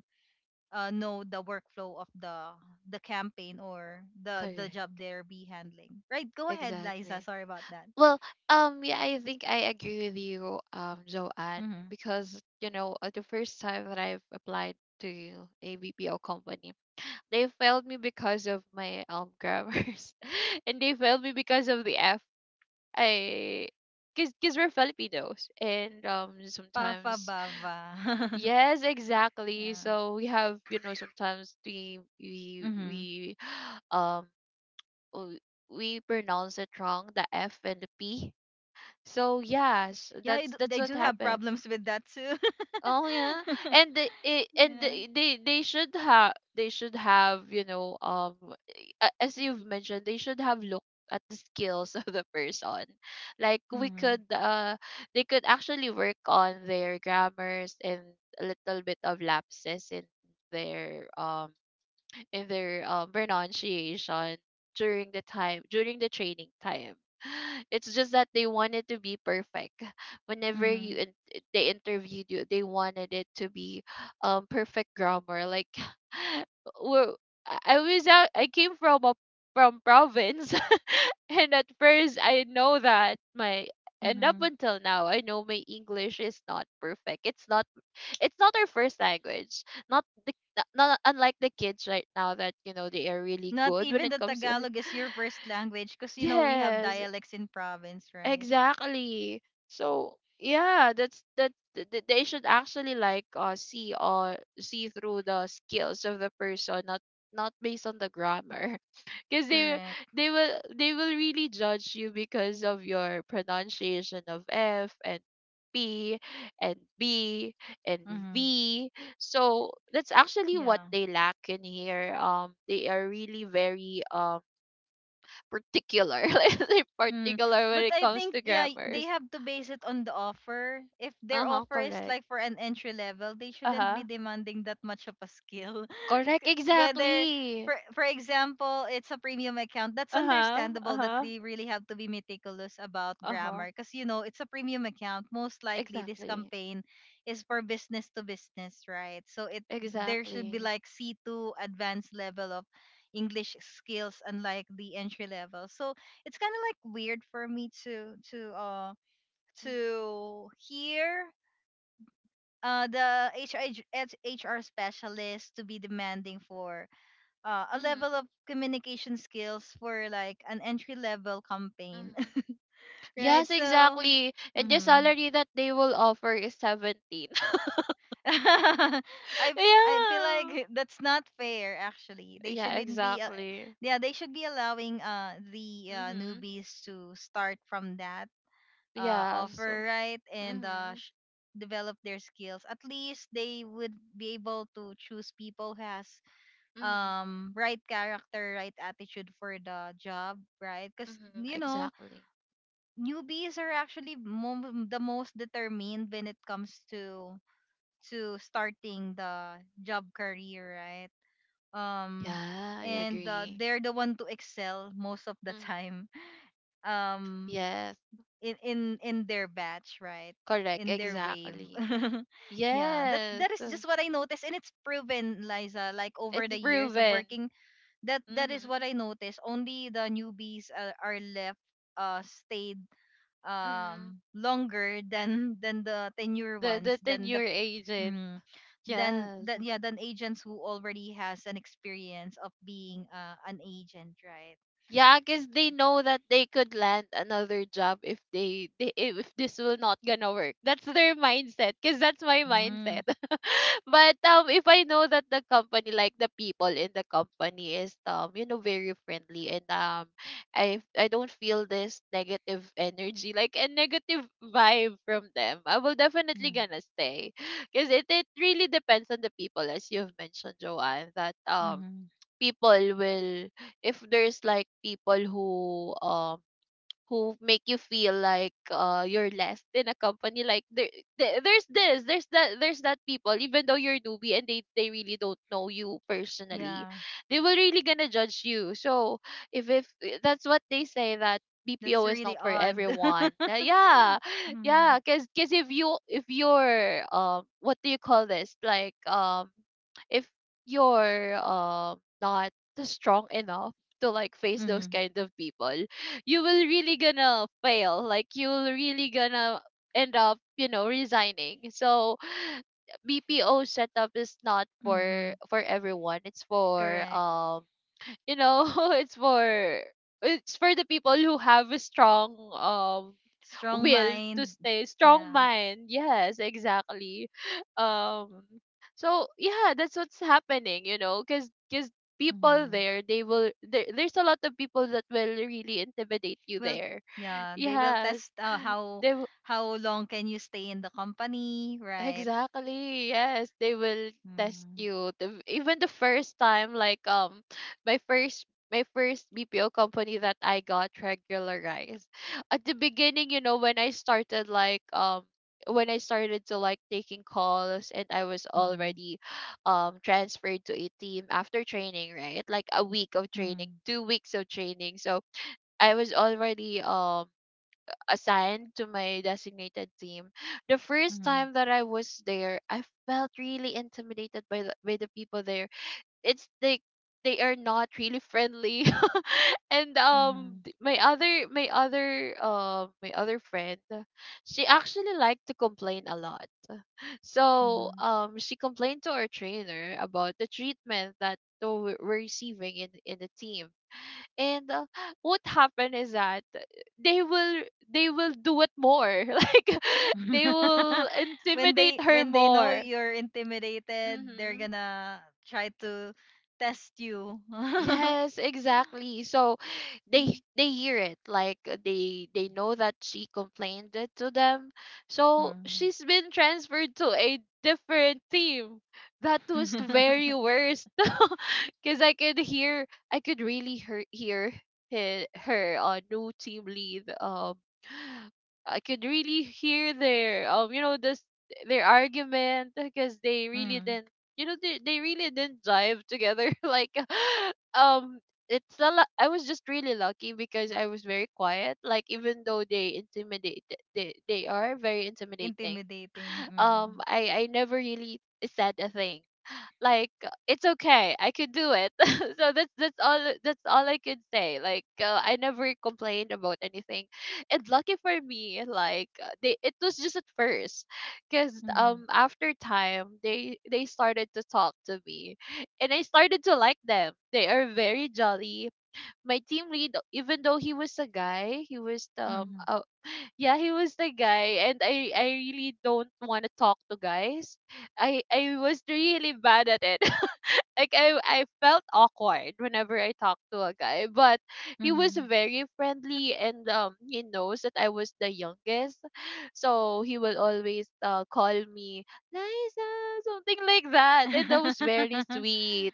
[SPEAKER 1] know the workflow of the campaign or the
[SPEAKER 2] Correct.
[SPEAKER 1] job they're be handling, right? Go ahead, Liza,
[SPEAKER 2] Exactly.
[SPEAKER 1] sorry about that.
[SPEAKER 2] Well, yeah, I think I agree with you, Joanne,
[SPEAKER 1] Mm-hmm.
[SPEAKER 2] because the first time that I've applied to a BPO company, they failed me because of my grammars, [LAUGHS] and they failed me because of the F. I, cause we're Filipinos, and sometimes,
[SPEAKER 1] Pafabava.
[SPEAKER 2] yes,
[SPEAKER 1] [LAUGHS]
[SPEAKER 2] exactly.
[SPEAKER 1] Yeah.
[SPEAKER 2] So we have sometimes we we
[SPEAKER 1] Mm-hmm.
[SPEAKER 2] we [SIGHS] um. w- we pronounce it wrong, the F and the P, so yes,
[SPEAKER 1] Yeah,
[SPEAKER 2] that's that's
[SPEAKER 1] they
[SPEAKER 2] what
[SPEAKER 1] do have
[SPEAKER 2] happened.
[SPEAKER 1] problems with that too.
[SPEAKER 2] Oh yeah,
[SPEAKER 1] [LAUGHS]
[SPEAKER 2] and
[SPEAKER 1] Yeah.
[SPEAKER 2] they should have, as you've mentioned, they should have looked at the skills [LAUGHS] of the person. Like, we
[SPEAKER 1] Mm-hmm.
[SPEAKER 2] could they could actually work on their grammars, and a little bit of lapses in their um their pronunciation during the time, during the training time. [GASPS] [SIGHS] It's just that they wanted to be perfect. [LAUGHS] Whenever
[SPEAKER 1] Mm-hmm.
[SPEAKER 2] they interviewed you, they wanted it to be perfect grammar. Like, [LAUGHS] well, I was out, I came from a, from province, [LAUGHS] and at first I know that my and up
[SPEAKER 1] Mm-hmm.
[SPEAKER 2] until now I know my English is not perfect. It's not our first language. Not the, not, not unlike the kids right now that you know they are really
[SPEAKER 1] Not
[SPEAKER 2] good when
[SPEAKER 1] even
[SPEAKER 2] it
[SPEAKER 1] the
[SPEAKER 2] comes to
[SPEAKER 1] Tagalog
[SPEAKER 2] [LAUGHS]
[SPEAKER 1] is your first language, because you know we have
[SPEAKER 2] yes.
[SPEAKER 1] dialects in province, right?
[SPEAKER 2] Exactly. So yeah, that's that th- th- they should actually like see or see through the skills of the person, not based on the grammar. [LAUGHS] Because they
[SPEAKER 1] Correct.
[SPEAKER 2] they will really judge you because of your pronunciation of F and P and B and
[SPEAKER 1] Mm-hmm.
[SPEAKER 2] V. So that's actually what
[SPEAKER 1] Yeah.
[SPEAKER 2] they lack in here. They are really very particular. [LAUGHS] Let's say
[SPEAKER 1] Hmm.
[SPEAKER 2] particular when
[SPEAKER 1] But
[SPEAKER 2] it
[SPEAKER 1] I
[SPEAKER 2] comes
[SPEAKER 1] think
[SPEAKER 2] to
[SPEAKER 1] yeah, they
[SPEAKER 2] grammars.
[SPEAKER 1] have to base it on the offer. If their
[SPEAKER 2] Uh huh.
[SPEAKER 1] offer is
[SPEAKER 2] Correct.
[SPEAKER 1] like for an entry level, they
[SPEAKER 2] Uh
[SPEAKER 1] shouldn't be
[SPEAKER 2] huh.
[SPEAKER 1] demanding that much of a skill. [LAUGHS]
[SPEAKER 2] Correct.
[SPEAKER 1] Whether
[SPEAKER 2] Exactly.
[SPEAKER 1] for example, it's a premium account, that's
[SPEAKER 2] Uh huh. Uh
[SPEAKER 1] understandable that
[SPEAKER 2] huh.
[SPEAKER 1] they really have to be meticulous about
[SPEAKER 2] Uh huh.
[SPEAKER 1] grammar, because you know, it's a premium account. Most likely this
[SPEAKER 2] Exactly.
[SPEAKER 1] campaign is for business to business, right? So it there should be
[SPEAKER 2] Exactly.
[SPEAKER 1] like C2 advanced level of English skills, unlike the entry level. So it's kind of like weird for me to
[SPEAKER 2] Mhm.
[SPEAKER 1] to hear the HR specialist to be demanding for a
[SPEAKER 2] Mhm.
[SPEAKER 1] level of communication skills for like an entry level campaign,
[SPEAKER 2] Mhm.
[SPEAKER 1] [LAUGHS]
[SPEAKER 2] Yes,
[SPEAKER 1] right?
[SPEAKER 2] mm-hmm,
[SPEAKER 1] So.
[SPEAKER 2] exactly. And the
[SPEAKER 1] Mm-hmm.
[SPEAKER 2] salary that they will offer is 17. [LAUGHS]
[SPEAKER 1] [LAUGHS] I I feel
[SPEAKER 2] Yeah.
[SPEAKER 1] like that's not fair. Actually, they
[SPEAKER 2] Yeah,
[SPEAKER 1] shouldn't be.
[SPEAKER 2] exactly.
[SPEAKER 1] Yeah, they should be allowing the
[SPEAKER 2] Mhm.
[SPEAKER 1] newbies to start from that
[SPEAKER 2] Yes.
[SPEAKER 1] offer, right? And
[SPEAKER 2] Mhm.
[SPEAKER 1] develop their skills. At least they would be able to choose people who has
[SPEAKER 2] Mhm.
[SPEAKER 1] right character, right attitude for the job, right? Because
[SPEAKER 2] Mhm.
[SPEAKER 1] you know,
[SPEAKER 2] Exactly.
[SPEAKER 1] newbies are actually the most determined when it comes to starting the job career, right? um
[SPEAKER 2] Yeah, I
[SPEAKER 1] and
[SPEAKER 2] agree.
[SPEAKER 1] they're the one to excel most of the
[SPEAKER 2] Mhm.
[SPEAKER 1] time. [LAUGHS] um
[SPEAKER 2] Yes.
[SPEAKER 1] in their batch, right?
[SPEAKER 2] Correct,
[SPEAKER 1] In their wave.
[SPEAKER 2] exactly.
[SPEAKER 1] [LAUGHS] Yeah, that's
[SPEAKER 2] Yes,
[SPEAKER 1] that is just what I noticed, and it's proven, Liza, like over
[SPEAKER 2] it's
[SPEAKER 1] the years of
[SPEAKER 2] proven.
[SPEAKER 1] working, that that is
[SPEAKER 2] Mm-hmm.
[SPEAKER 1] what I noticed. Only the newbies are left stayed
[SPEAKER 2] Mm-hmm.
[SPEAKER 1] longer than [LAUGHS] than the tenure
[SPEAKER 2] The
[SPEAKER 1] ones, than the
[SPEAKER 2] tenure agent.
[SPEAKER 1] mm, than
[SPEAKER 2] Yes.
[SPEAKER 1] than yeah than agents who already has an experience of being an agent, right?
[SPEAKER 2] Yeah, because they know that they could land another job if they, they if this will not gonna work. That's their mindset. Because that's my
[SPEAKER 1] Mm-hmm.
[SPEAKER 2] mindset. [LAUGHS] But if I know that the company, like the people in the company, is very friendly, and I don't feel this negative energy, like a negative vibe from them, I will definitely gonna stay. Because it really depends on the people, as you've mentioned, Joanne. That
[SPEAKER 1] Mm-hmm.
[SPEAKER 2] people will, if there's like people um who make you feel like you're less in a company, like there, there's that people, even though you're newbie and they really don't know you personally,
[SPEAKER 1] Yeah.
[SPEAKER 2] they will really gonna judge you. So if eh, that's what they say, that
[SPEAKER 1] That's
[SPEAKER 2] BPO is
[SPEAKER 1] really
[SPEAKER 2] not for
[SPEAKER 1] odd.
[SPEAKER 2] everyone.
[SPEAKER 1] [LAUGHS]
[SPEAKER 2] Yeah, [LAUGHS]
[SPEAKER 1] Mm-hmm.
[SPEAKER 2] yeah. Cause if you're what do you call this, like if you're not strong enough to like face those
[SPEAKER 1] Mm-hmm.
[SPEAKER 2] kind of people, you will really gonna fail. Like you will really gonna end up, you know, resigning. So BPO setup is not
[SPEAKER 1] Mm-hmm.
[SPEAKER 2] for everyone. It's for,
[SPEAKER 1] Correct.
[SPEAKER 2] you know [LAUGHS] it's for it's for the people who have a strong
[SPEAKER 1] Strong
[SPEAKER 2] will to
[SPEAKER 1] mind.
[SPEAKER 2] stay. Strong
[SPEAKER 1] Yeah.
[SPEAKER 2] mind. Yes, exactly. [LAUGHS] um so yeah, that's what's happening. You know, because people
[SPEAKER 1] Mm-hmm.
[SPEAKER 2] there, they will, there, there's a lot of people that will really intimidate you
[SPEAKER 1] Will
[SPEAKER 2] there.
[SPEAKER 1] yeah, they will
[SPEAKER 2] Yes.
[SPEAKER 1] test
[SPEAKER 2] they
[SPEAKER 1] how long can you stay in the company, right?
[SPEAKER 2] Exactly. Yes, they will test
[SPEAKER 1] Mm-hmm.
[SPEAKER 2] you. Even the first time, like my first, BPO company that I got regularized. At the beginning, you know, when I started like when I started to like taking calls, and I was
[SPEAKER 1] Mm-hmm.
[SPEAKER 2] already transferred to a team after training, right? Like a week of training, 2 weeks of training. So I was already assigned to my designated team, the first
[SPEAKER 1] Mm-hmm.
[SPEAKER 2] time that I was there, I felt really intimidated by the people there. It's like they are not really friendly. [LAUGHS] And um,
[SPEAKER 1] Mm-hmm.
[SPEAKER 2] th- my other friend, she actually liked to complain a lot. So
[SPEAKER 1] Mm-hmm.
[SPEAKER 2] um, she complained to our trainer about the treatment that we were receiving in the team, and what happened is that they will they will do it more [LAUGHS] like they will
[SPEAKER 1] [LAUGHS] When
[SPEAKER 2] intimidate
[SPEAKER 1] they
[SPEAKER 2] her
[SPEAKER 1] when they know
[SPEAKER 2] more.
[SPEAKER 1] you're intimidated, they're
[SPEAKER 2] Mm-hmm.
[SPEAKER 1] gonna try to test you. [LAUGHS]
[SPEAKER 2] Yes, exactly. So they hear it like they know that she complained it to them, so
[SPEAKER 1] Mm.
[SPEAKER 2] she's been transferred to a different team. That was the
[SPEAKER 1] [LAUGHS]
[SPEAKER 2] very worst. [LAUGHS] Because I could hear, I could really hear, hear her new team lead. Um, I could really hear their you know this their argument, because they really
[SPEAKER 1] Mm.
[SPEAKER 2] didn't, they really didn't jive together. [LAUGHS] Like, [GASPS] [LAUGHS] um, it's a lot. I was just really lucky because I was very quiet. Like, even though they are very intimidating,
[SPEAKER 1] Intimidating,
[SPEAKER 2] um,
[SPEAKER 1] mm.
[SPEAKER 2] I never really said a thing. Like, it's okay, I could do it. [LAUGHS] So that's, that's all I could say. Like, I never complained about anything, and lucky for me, like, they it was just at first, because
[SPEAKER 1] Mhm,
[SPEAKER 2] after time, they started to talk to me, and I started to like them. They are very jolly. My team lead, even though he was a guy, he was
[SPEAKER 1] mhm,
[SPEAKER 2] yeah he was the guy, and I really don't want to talk to guys. I was really bad at it. [LAUGHS] like I felt awkward whenever I talked to a guy, but he was
[SPEAKER 1] mhm.
[SPEAKER 2] very friendly and he knows that I was the youngest, so he will always call me Liza, something like that, and that was very
[SPEAKER 1] [LAUGHS]
[SPEAKER 2] sweet,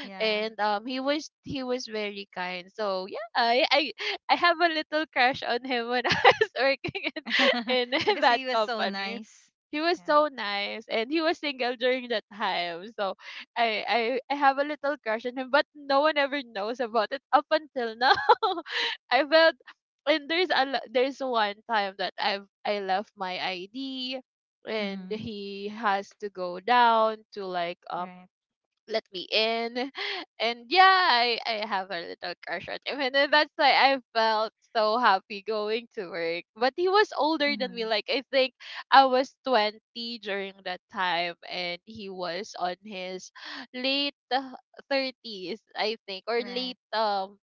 [SPEAKER 1] Yeah.
[SPEAKER 2] and he was very kind. So yeah, I have a little crush on him when [LAUGHS] I was working
[SPEAKER 1] [LAUGHS]
[SPEAKER 2] in
[SPEAKER 1] Because
[SPEAKER 2] [LAUGHS]
[SPEAKER 1] he
[SPEAKER 2] that
[SPEAKER 1] was so
[SPEAKER 2] company.
[SPEAKER 1] nice.
[SPEAKER 2] He was
[SPEAKER 1] Yeah.
[SPEAKER 2] so nice and he was single during that time. So I, I have a little crush on him, but no one ever knows about it up until now. [LAUGHS] I felt, and there's one time that I left my ID and
[SPEAKER 1] Mhm.
[SPEAKER 2] he has to go down to, like,
[SPEAKER 1] Right.
[SPEAKER 2] let me in. And yeah, I have a little crush on him. And then that's why I felt so happy going to work. But he was older than me.
[SPEAKER 1] Mhm.
[SPEAKER 2] Like, I think I was 20 during that time and he was on his late 30s, I think, or
[SPEAKER 1] Right.
[SPEAKER 2] late um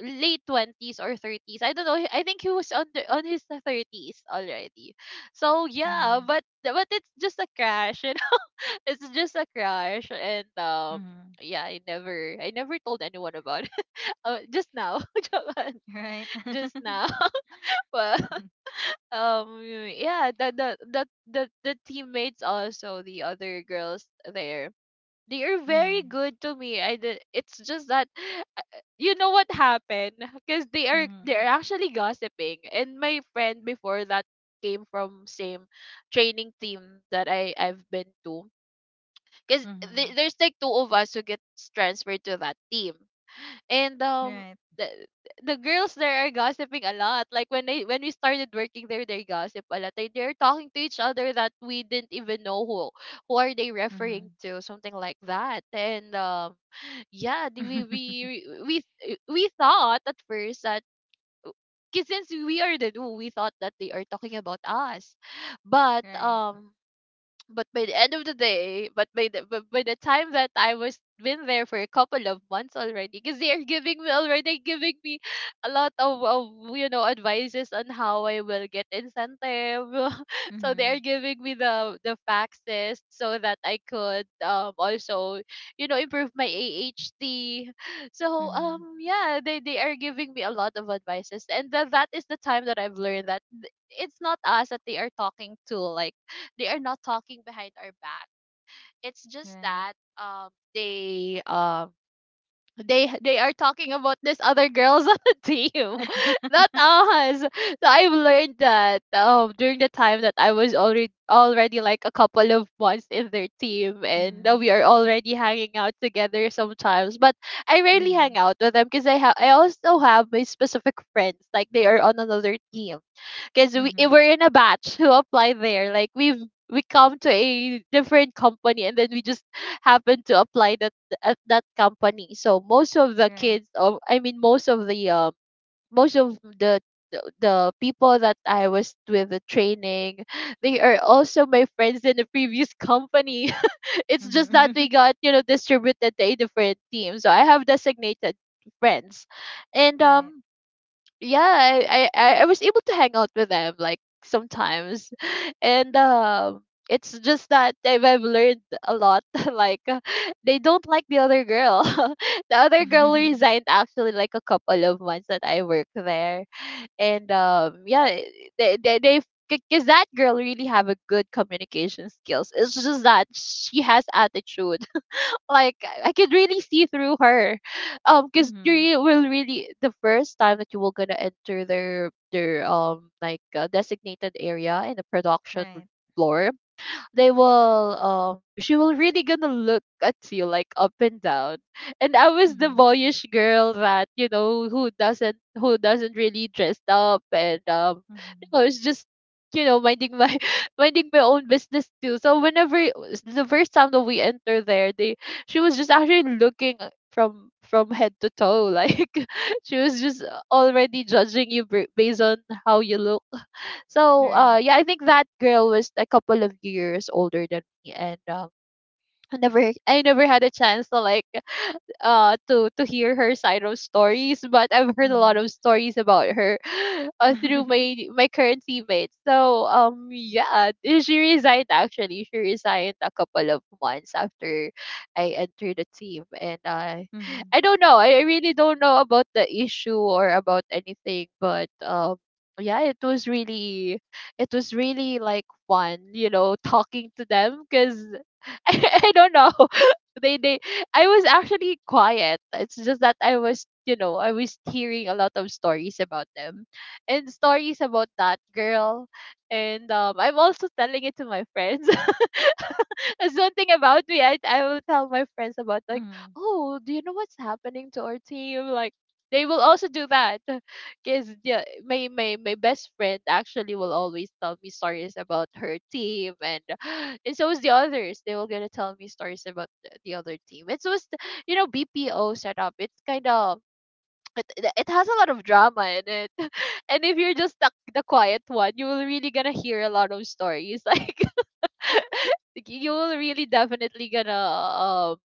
[SPEAKER 2] late 20s or 30s. I don't know. I think he was on his 30s already. So yeah,
[SPEAKER 1] Mhm.
[SPEAKER 2] but it's just a crash. [LAUGHS] It's just a crush. And
[SPEAKER 1] Mhm.
[SPEAKER 2] yeah, I never told anyone about it. [LAUGHS] Just now, [LAUGHS] Joanne,
[SPEAKER 1] Right.
[SPEAKER 2] just
[SPEAKER 1] [LAUGHS]
[SPEAKER 2] now. [LAUGHS] But yeah, the teammates, also the other girls there, they are very
[SPEAKER 1] Mhm.
[SPEAKER 2] good to me. It's just that, uh, you know what happened, because they are
[SPEAKER 1] Mhm.
[SPEAKER 2] they're actually gossiping. And my friend before that came from same training team that I've been to, because
[SPEAKER 1] Mhm.
[SPEAKER 2] there's like two of us who gets transferred to that team. And
[SPEAKER 1] Right.
[SPEAKER 2] the, the girls there are gossiping a lot. Like, when they when we started working there, they gossip a lot. They're talking to each other that we didn't even know who are they referring
[SPEAKER 1] Mhm.
[SPEAKER 2] to, something like that. And [SIGHS] yeah, the- we
[SPEAKER 1] [LAUGHS]
[SPEAKER 2] we we we we thought at first that, 'cause since we are the duo, we thought that they are talking about us. But
[SPEAKER 1] Right.
[SPEAKER 2] but by the end of the day, but by the time that I was been there for a couple of months already, because they are giving me already giving me a lot of advices on how I will get incentive. [LAUGHS] So they
[SPEAKER 1] Mhm.
[SPEAKER 2] are giving me the faxes so that I could also improve my AHT. [LAUGHS] So
[SPEAKER 1] Mhm.
[SPEAKER 2] yeah, they are giving me a lot of advices, and that is the time that I've learned that, it's not us that they are talking to, like they are not talking behind our back. It's just
[SPEAKER 1] Right.
[SPEAKER 2] that they um they are talking about this other girls [LAUGHS] on the team, [LAUGHS]
[SPEAKER 1] [LAUGHS]
[SPEAKER 2] not us. So I've learned that, during the time that I was already like a couple of months in their team, and
[SPEAKER 1] Mhm.
[SPEAKER 2] we are already hanging out together sometimes. But I rarely
[SPEAKER 1] Mhm.
[SPEAKER 2] hang out with them because I also have my specific friends, like they are on another team, because
[SPEAKER 1] Mhm.
[SPEAKER 2] we're in a batch who apply there. Like, we come to a different company and then we just happen to apply that at that company. So most of the
[SPEAKER 1] Right.
[SPEAKER 2] kids, or I mean, most of the people that I was with the training, they are also my friends in the previous company. [LAUGHS] It's just that
[SPEAKER 1] Mhm.
[SPEAKER 2] we
[SPEAKER 1] [LAUGHS]
[SPEAKER 2] got, distributed to a different team. So I have designated friends, and
[SPEAKER 1] Right.
[SPEAKER 2] yeah, I was able to hang out with them, like, sometimes. [LAUGHS] And it's just that I've learned a lot. [LAUGHS] Like, they don't like the other girl. [LAUGHS] The other girl
[SPEAKER 1] [LAUGHS]
[SPEAKER 2] resigned actually, like a couple of months that I worked there. And yeah, they because that girl really have a good communication skills. It's just that she has attitude. Like, I could really see through her, because
[SPEAKER 1] Mhm.
[SPEAKER 2] you will really the first time that you will gonna enter their like, designated area in the production
[SPEAKER 1] Right.
[SPEAKER 2] floor, they will she will really gonna look at you like up and down. And I was the
[SPEAKER 1] Mhm.
[SPEAKER 2] boyish girl that, who doesn't really dress up, and you
[SPEAKER 1] Mhm.
[SPEAKER 2] know, it's just minding my [LAUGHS] minding my own business too. So whenever it the first time that we enter there, they she was just actually looking from head to toe. Like, [LAUGHS] she was just already judging you based on how you look. So,
[SPEAKER 1] Right.
[SPEAKER 2] yeah, I think that girl was a couple of years older than me, and I never had a chance to, like, to hear her side of stories, but I've heard a lot
[SPEAKER 1] Mhm.
[SPEAKER 2] of stories about her [GASPS] through my
[SPEAKER 1] [LAUGHS]
[SPEAKER 2] my current teammates. So yeah, she resigned actually. She resigned a couple of months after I entered the team, and, [SIGHS]
[SPEAKER 1] Mhm.
[SPEAKER 2] I don't know. I really don't know about the issue or about anything, but yeah, it was really, like, fun, talking to them, because [LAUGHS] I don't know. [LAUGHS] They I was actually quiet. It's just that I was hearing a lot of stories about them and stories about that girl. And I'm also telling it to my friends. [LAUGHS] [LAUGHS] Something about me. I will tell my friends about, like,
[SPEAKER 1] Mhm.
[SPEAKER 2] oh, do you know what's happening to our team? Like, they will also do that, [LAUGHS] because yeah, my best friend actually will always tell me stories about her team, and [GASPS] and so is the others. They will gonna tell me stories about the other team. It's just, BPO setup. It's kind of, it has a lot of drama in it, [LAUGHS] and if you're just the quiet one, you will really gonna hear a lot of stories, [LAUGHS] like, you'll really definitely gonna um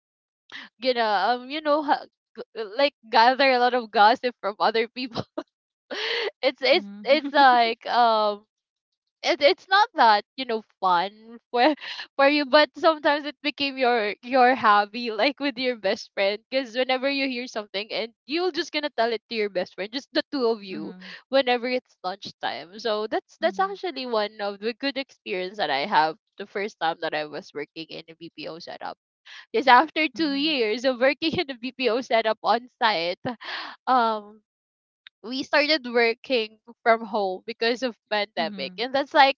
[SPEAKER 2] gonna um you know ha- like, gather a lot of gossip from other people. [LAUGHS] it's it's
[SPEAKER 1] Mhm.
[SPEAKER 2] it's
[SPEAKER 1] [LAUGHS]
[SPEAKER 2] like, it's not that, fun for [LAUGHS] for you, but sometimes it became your hobby, like with your best friend, because whenever you hear something and you're just gonna tell it to your best friend, just the two of you,
[SPEAKER 1] Mhm.
[SPEAKER 2] whenever it's lunchtime. So that's
[SPEAKER 1] Mhm.
[SPEAKER 2] that's
[SPEAKER 1] Mhm.
[SPEAKER 2] actually one of the good experience that I have the first time that I was working in a BPO setup, because after 2 years of working [LAUGHS] in a BPO setup on site, um we started working from home because of pandemic. And
[SPEAKER 1] Mhm.
[SPEAKER 2] that's like,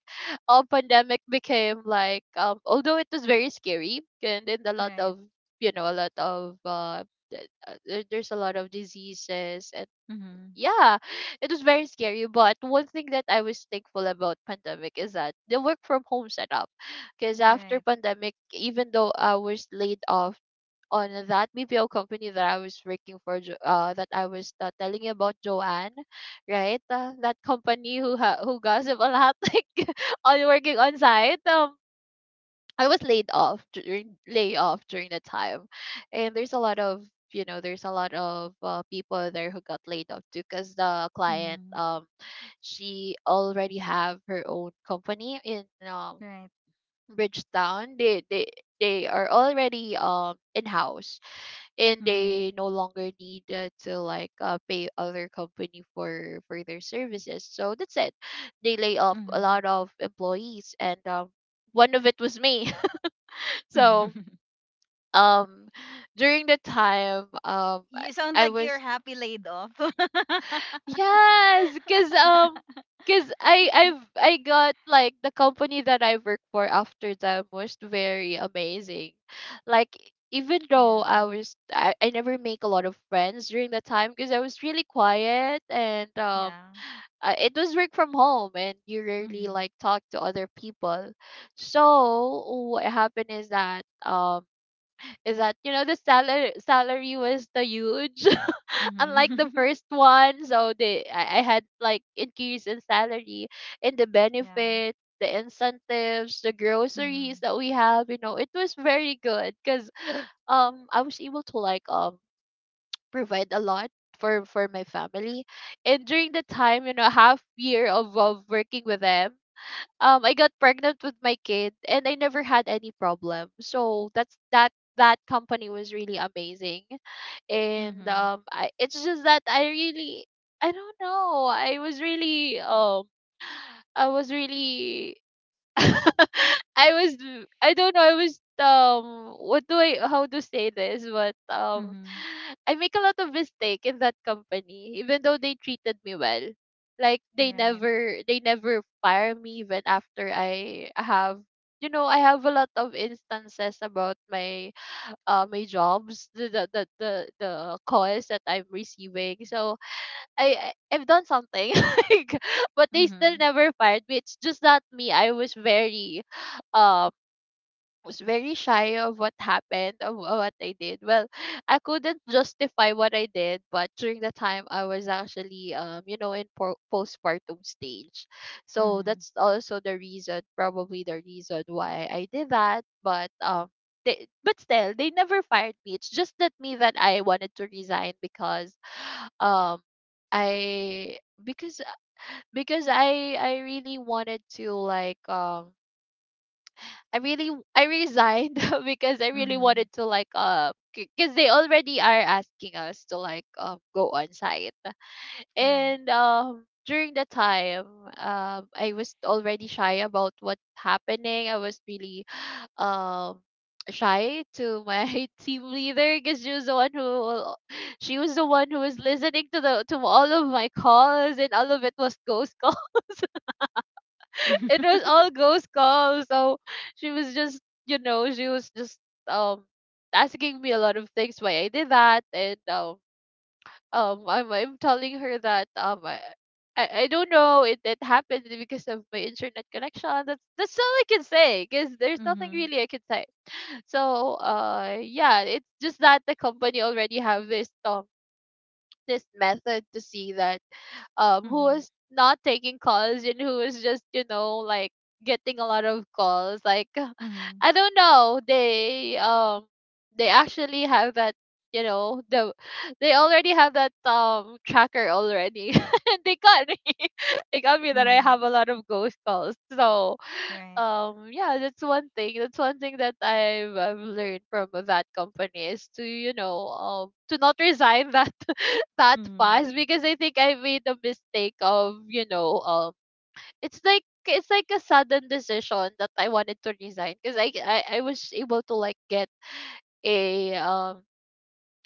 [SPEAKER 2] all pandemic became like, although it was very scary, and then a
[SPEAKER 1] [LAUGHS]
[SPEAKER 2] lot of,
[SPEAKER 1] Right.
[SPEAKER 2] a lot of, there's a lot of diseases. And
[SPEAKER 1] Mhm.
[SPEAKER 2] yeah, it was very scary, but one thing that I was thankful about pandemic is that the work from home setup. Because after
[SPEAKER 1] Right.
[SPEAKER 2] pandemic, even though I was laid off on that BPO company that I was working for, that I was, telling you about, Joanne, right? That company who gossip a lot, [LAUGHS] like, on working on site. I was laid off during layoff during the time, and there's a lot of, people there who got laid off too, because the client,
[SPEAKER 1] Mhm.
[SPEAKER 2] she already have her own company in
[SPEAKER 1] Right.
[SPEAKER 2] Bridgetown. They are already in house, and they
[SPEAKER 1] Mhm.
[SPEAKER 2] no longer need, to, like, pay other company for their services. So that's it, they lay off a lot
[SPEAKER 1] Mhm.
[SPEAKER 2] of employees. And one of it was me. [LAUGHS] So
[SPEAKER 1] [LAUGHS]
[SPEAKER 2] um during the time,
[SPEAKER 1] You sound
[SPEAKER 2] I
[SPEAKER 1] like
[SPEAKER 2] was—
[SPEAKER 1] you're happy laid off.
[SPEAKER 2] Yes. cause um,
[SPEAKER 1] [LAUGHS]
[SPEAKER 2] cause I got, like, the company that I work for after them was very amazing. Like, even though
[SPEAKER 1] Yeah.
[SPEAKER 2] I never make a lot of friends during that time because I was really quiet, and
[SPEAKER 1] Yeah.
[SPEAKER 2] it was work from home and you rarely,
[SPEAKER 1] Mhm.
[SPEAKER 2] like, talk to other people. So what happened is that the salary was the huge, unlike the
[SPEAKER 1] Mhm. [LAUGHS]
[SPEAKER 2] first one. So I had like increase in salary, and the
[SPEAKER 1] Yeah.
[SPEAKER 2] benefits, the incentives, the groceries
[SPEAKER 1] Mhm.
[SPEAKER 2] that we have, it was very good, because I was able to, like, provide a lot for my family. And during the time, half year of working with them, I got pregnant with my kid and I never had any problem. So that's that. That company was really amazing. And
[SPEAKER 1] Mhm.
[SPEAKER 2] I it's just that I really, I don't know. I was really [LAUGHS] I was I don't know. I was what do I How to say this, but
[SPEAKER 1] Mhm.
[SPEAKER 2] I make a lot of mistake in that company, even though they treated me well. Like
[SPEAKER 1] Right.
[SPEAKER 2] they never fire me, even after I have, you know, I have a lot of instances about my my jobs, the calls that I'm receiving. So I I've done something [LAUGHS] like, but they still
[SPEAKER 1] Mhm.
[SPEAKER 2] never fired me. It's just that me. I um, was very shy of what happened, of what I did. Well, I couldn't justify what I did, but during the time I was actually, you know, in postpartum stage, so
[SPEAKER 1] Mhm.
[SPEAKER 2] that's also the reason, probably the reason why I did that. But. They, but still, they never fired me. It's just that me that I wanted to resign. Because um i because I really wanted to, like, I resigned [LAUGHS] because I really
[SPEAKER 1] Mhm.
[SPEAKER 2] wanted to, like, because they already are asking us to, like, go on site.
[SPEAKER 1] Right.
[SPEAKER 2] And during the time, I was already shy about what's happening. I was really [SIGHS] um shy to my [LAUGHS] team leader, because she was the one who [SIGHS] she was the one who was listening to the, to all of my calls, and all of it was ghost calls. [LAUGHS] It
[SPEAKER 1] [LAUGHS]
[SPEAKER 2] was all ghost calls. So she was just you know, she was just um asking me a lot of things why I did that. And I'm telling her that I don't know, it happened because of my internet connection. That's all I can say, because there's nothing
[SPEAKER 1] Mhm.
[SPEAKER 2] really I can say. So yeah, it's just that the company already have this this method to see that who
[SPEAKER 1] Mhm.
[SPEAKER 2] was not taking calls and who was just, you know, like getting a lot of calls. Like [LAUGHS]
[SPEAKER 1] Mhm.
[SPEAKER 2] I don't know, they actually have that, you know, they already have that tracker already [LAUGHS] and they got me. [LAUGHS] They got me that I
[SPEAKER 1] Mhm.
[SPEAKER 2] have a lot of ghost calls. So
[SPEAKER 1] Right.
[SPEAKER 2] yeah, that's one thing that I've learned from that company, is to, you know, to not resign that [LAUGHS] that
[SPEAKER 1] Mhm.
[SPEAKER 2] fast, because I think I made a mistake of, you know, it's like a sudden decision that I wanted to resign, because I was able to, like, get a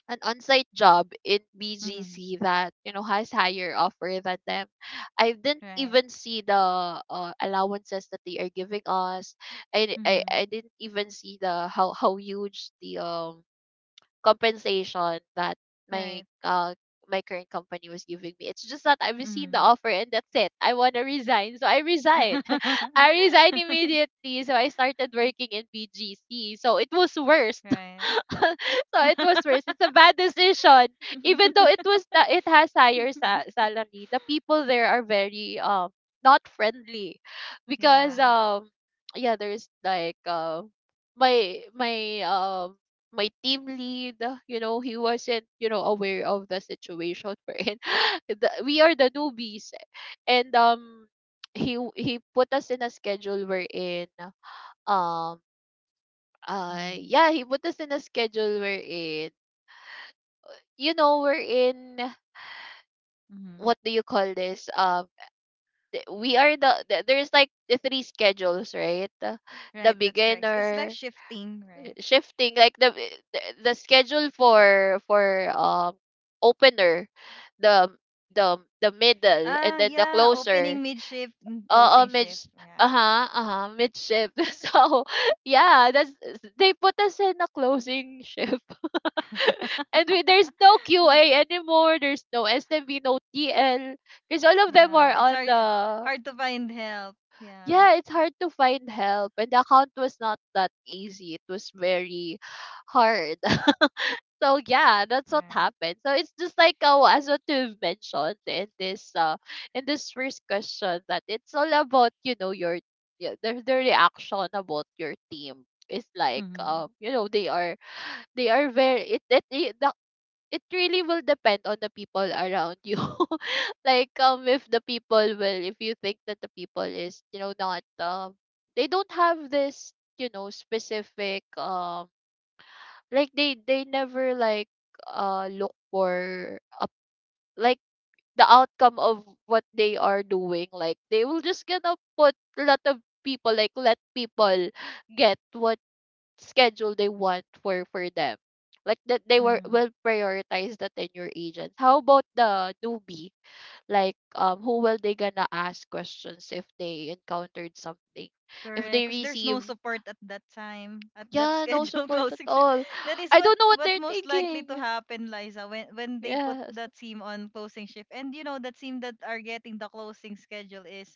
[SPEAKER 2] an on-site job in
[SPEAKER 1] Mhm.
[SPEAKER 2] BGC that, you know, has higher offer than them. I didn't
[SPEAKER 1] Right.
[SPEAKER 2] even see the allowances that they are giving us. I
[SPEAKER 1] Mhm.
[SPEAKER 2] I didn't even see the how huge the compensation that my
[SPEAKER 1] Right.
[SPEAKER 2] my current company was giving me. It's just that I've seen the
[SPEAKER 1] Mhm.
[SPEAKER 2] offer, and that's it. I wanna resign, so I resigned. [LAUGHS] I resigned
[SPEAKER 1] [LAUGHS]
[SPEAKER 2] immediately. So I started working in BGC. So it was worse.
[SPEAKER 1] Right.
[SPEAKER 2] [LAUGHS] So it was worse. It's a bad decision. Even though it
[SPEAKER 1] [LAUGHS]
[SPEAKER 2] was that it has higher salary, the people there are very not friendly, because
[SPEAKER 1] Yeah.
[SPEAKER 2] yeah, there's like my my um my team lead, you know, he wasn't, you know, aware of the situation we're in. [LAUGHS] We are the newbies, and he put us in a schedule wherein um
[SPEAKER 1] Mhm.
[SPEAKER 2] yeah, he put us in a schedule wherein, you know, we're in,
[SPEAKER 1] Mhm.
[SPEAKER 2] what do you call this, we are the, there's like the three schedules, right? The
[SPEAKER 1] Right, that's correct. It's like
[SPEAKER 2] beginner
[SPEAKER 1] shifting, right?
[SPEAKER 2] shifting, like the the schedule for opener, the the middle, and
[SPEAKER 1] Ah,
[SPEAKER 2] then the
[SPEAKER 1] yeah,
[SPEAKER 2] closer.
[SPEAKER 1] opening mid shift and
[SPEAKER 2] Oo,
[SPEAKER 1] closing
[SPEAKER 2] mid.
[SPEAKER 1] shift. Yeah.
[SPEAKER 2] Uh-huh, uh-huh, mid-shift. [LAUGHS] So, yeah, that's, they put us in a closing shift. [LAUGHS] And we, there's no QA
[SPEAKER 1] [LAUGHS]
[SPEAKER 2] anymore. There's no SMB, no TL. Because all of them are
[SPEAKER 1] Yeah, it's
[SPEAKER 2] on
[SPEAKER 1] hard
[SPEAKER 2] the,
[SPEAKER 1] hard to find help. Yeah.
[SPEAKER 2] yeah, it's hard to find help. And the account was not that easy. It was very hard. So yeah, that's what
[SPEAKER 1] Right.
[SPEAKER 2] happened. So it's just like, as what you've mentioned in this first question, that it's all about, you know, your, yeah, the reaction about your team is like,
[SPEAKER 1] Mhm.
[SPEAKER 2] you know, they are, they are very it really will depend on the people around you. [LAUGHS] Like, if the people will, if you think that the people is, you know, not they don't have this, you know, specific, like they never like look for, like, the outcome of what they are doing. Like, they will just gonna put a lot of people, like let people get what schedule they want for them. Like that, they were
[SPEAKER 1] Mhm.
[SPEAKER 2] will prioritize the tenure agents. How about the newbie, like, who will they gonna ask questions if they encountered something, if
[SPEAKER 1] Correct,
[SPEAKER 2] they
[SPEAKER 1] because there's no
[SPEAKER 2] receive?
[SPEAKER 1] support at that time, at that
[SPEAKER 2] Yeah, no
[SPEAKER 1] schedule, [LAUGHS]
[SPEAKER 2] support at
[SPEAKER 1] closing shift.
[SPEAKER 2] all.
[SPEAKER 1] That is
[SPEAKER 2] I don't know what
[SPEAKER 1] what
[SPEAKER 2] they're
[SPEAKER 1] most likely to
[SPEAKER 2] thinking.
[SPEAKER 1] happen, Liza, when they put
[SPEAKER 2] Yes.
[SPEAKER 1] that team on closing shift. And you know, that team that are getting the closing schedule is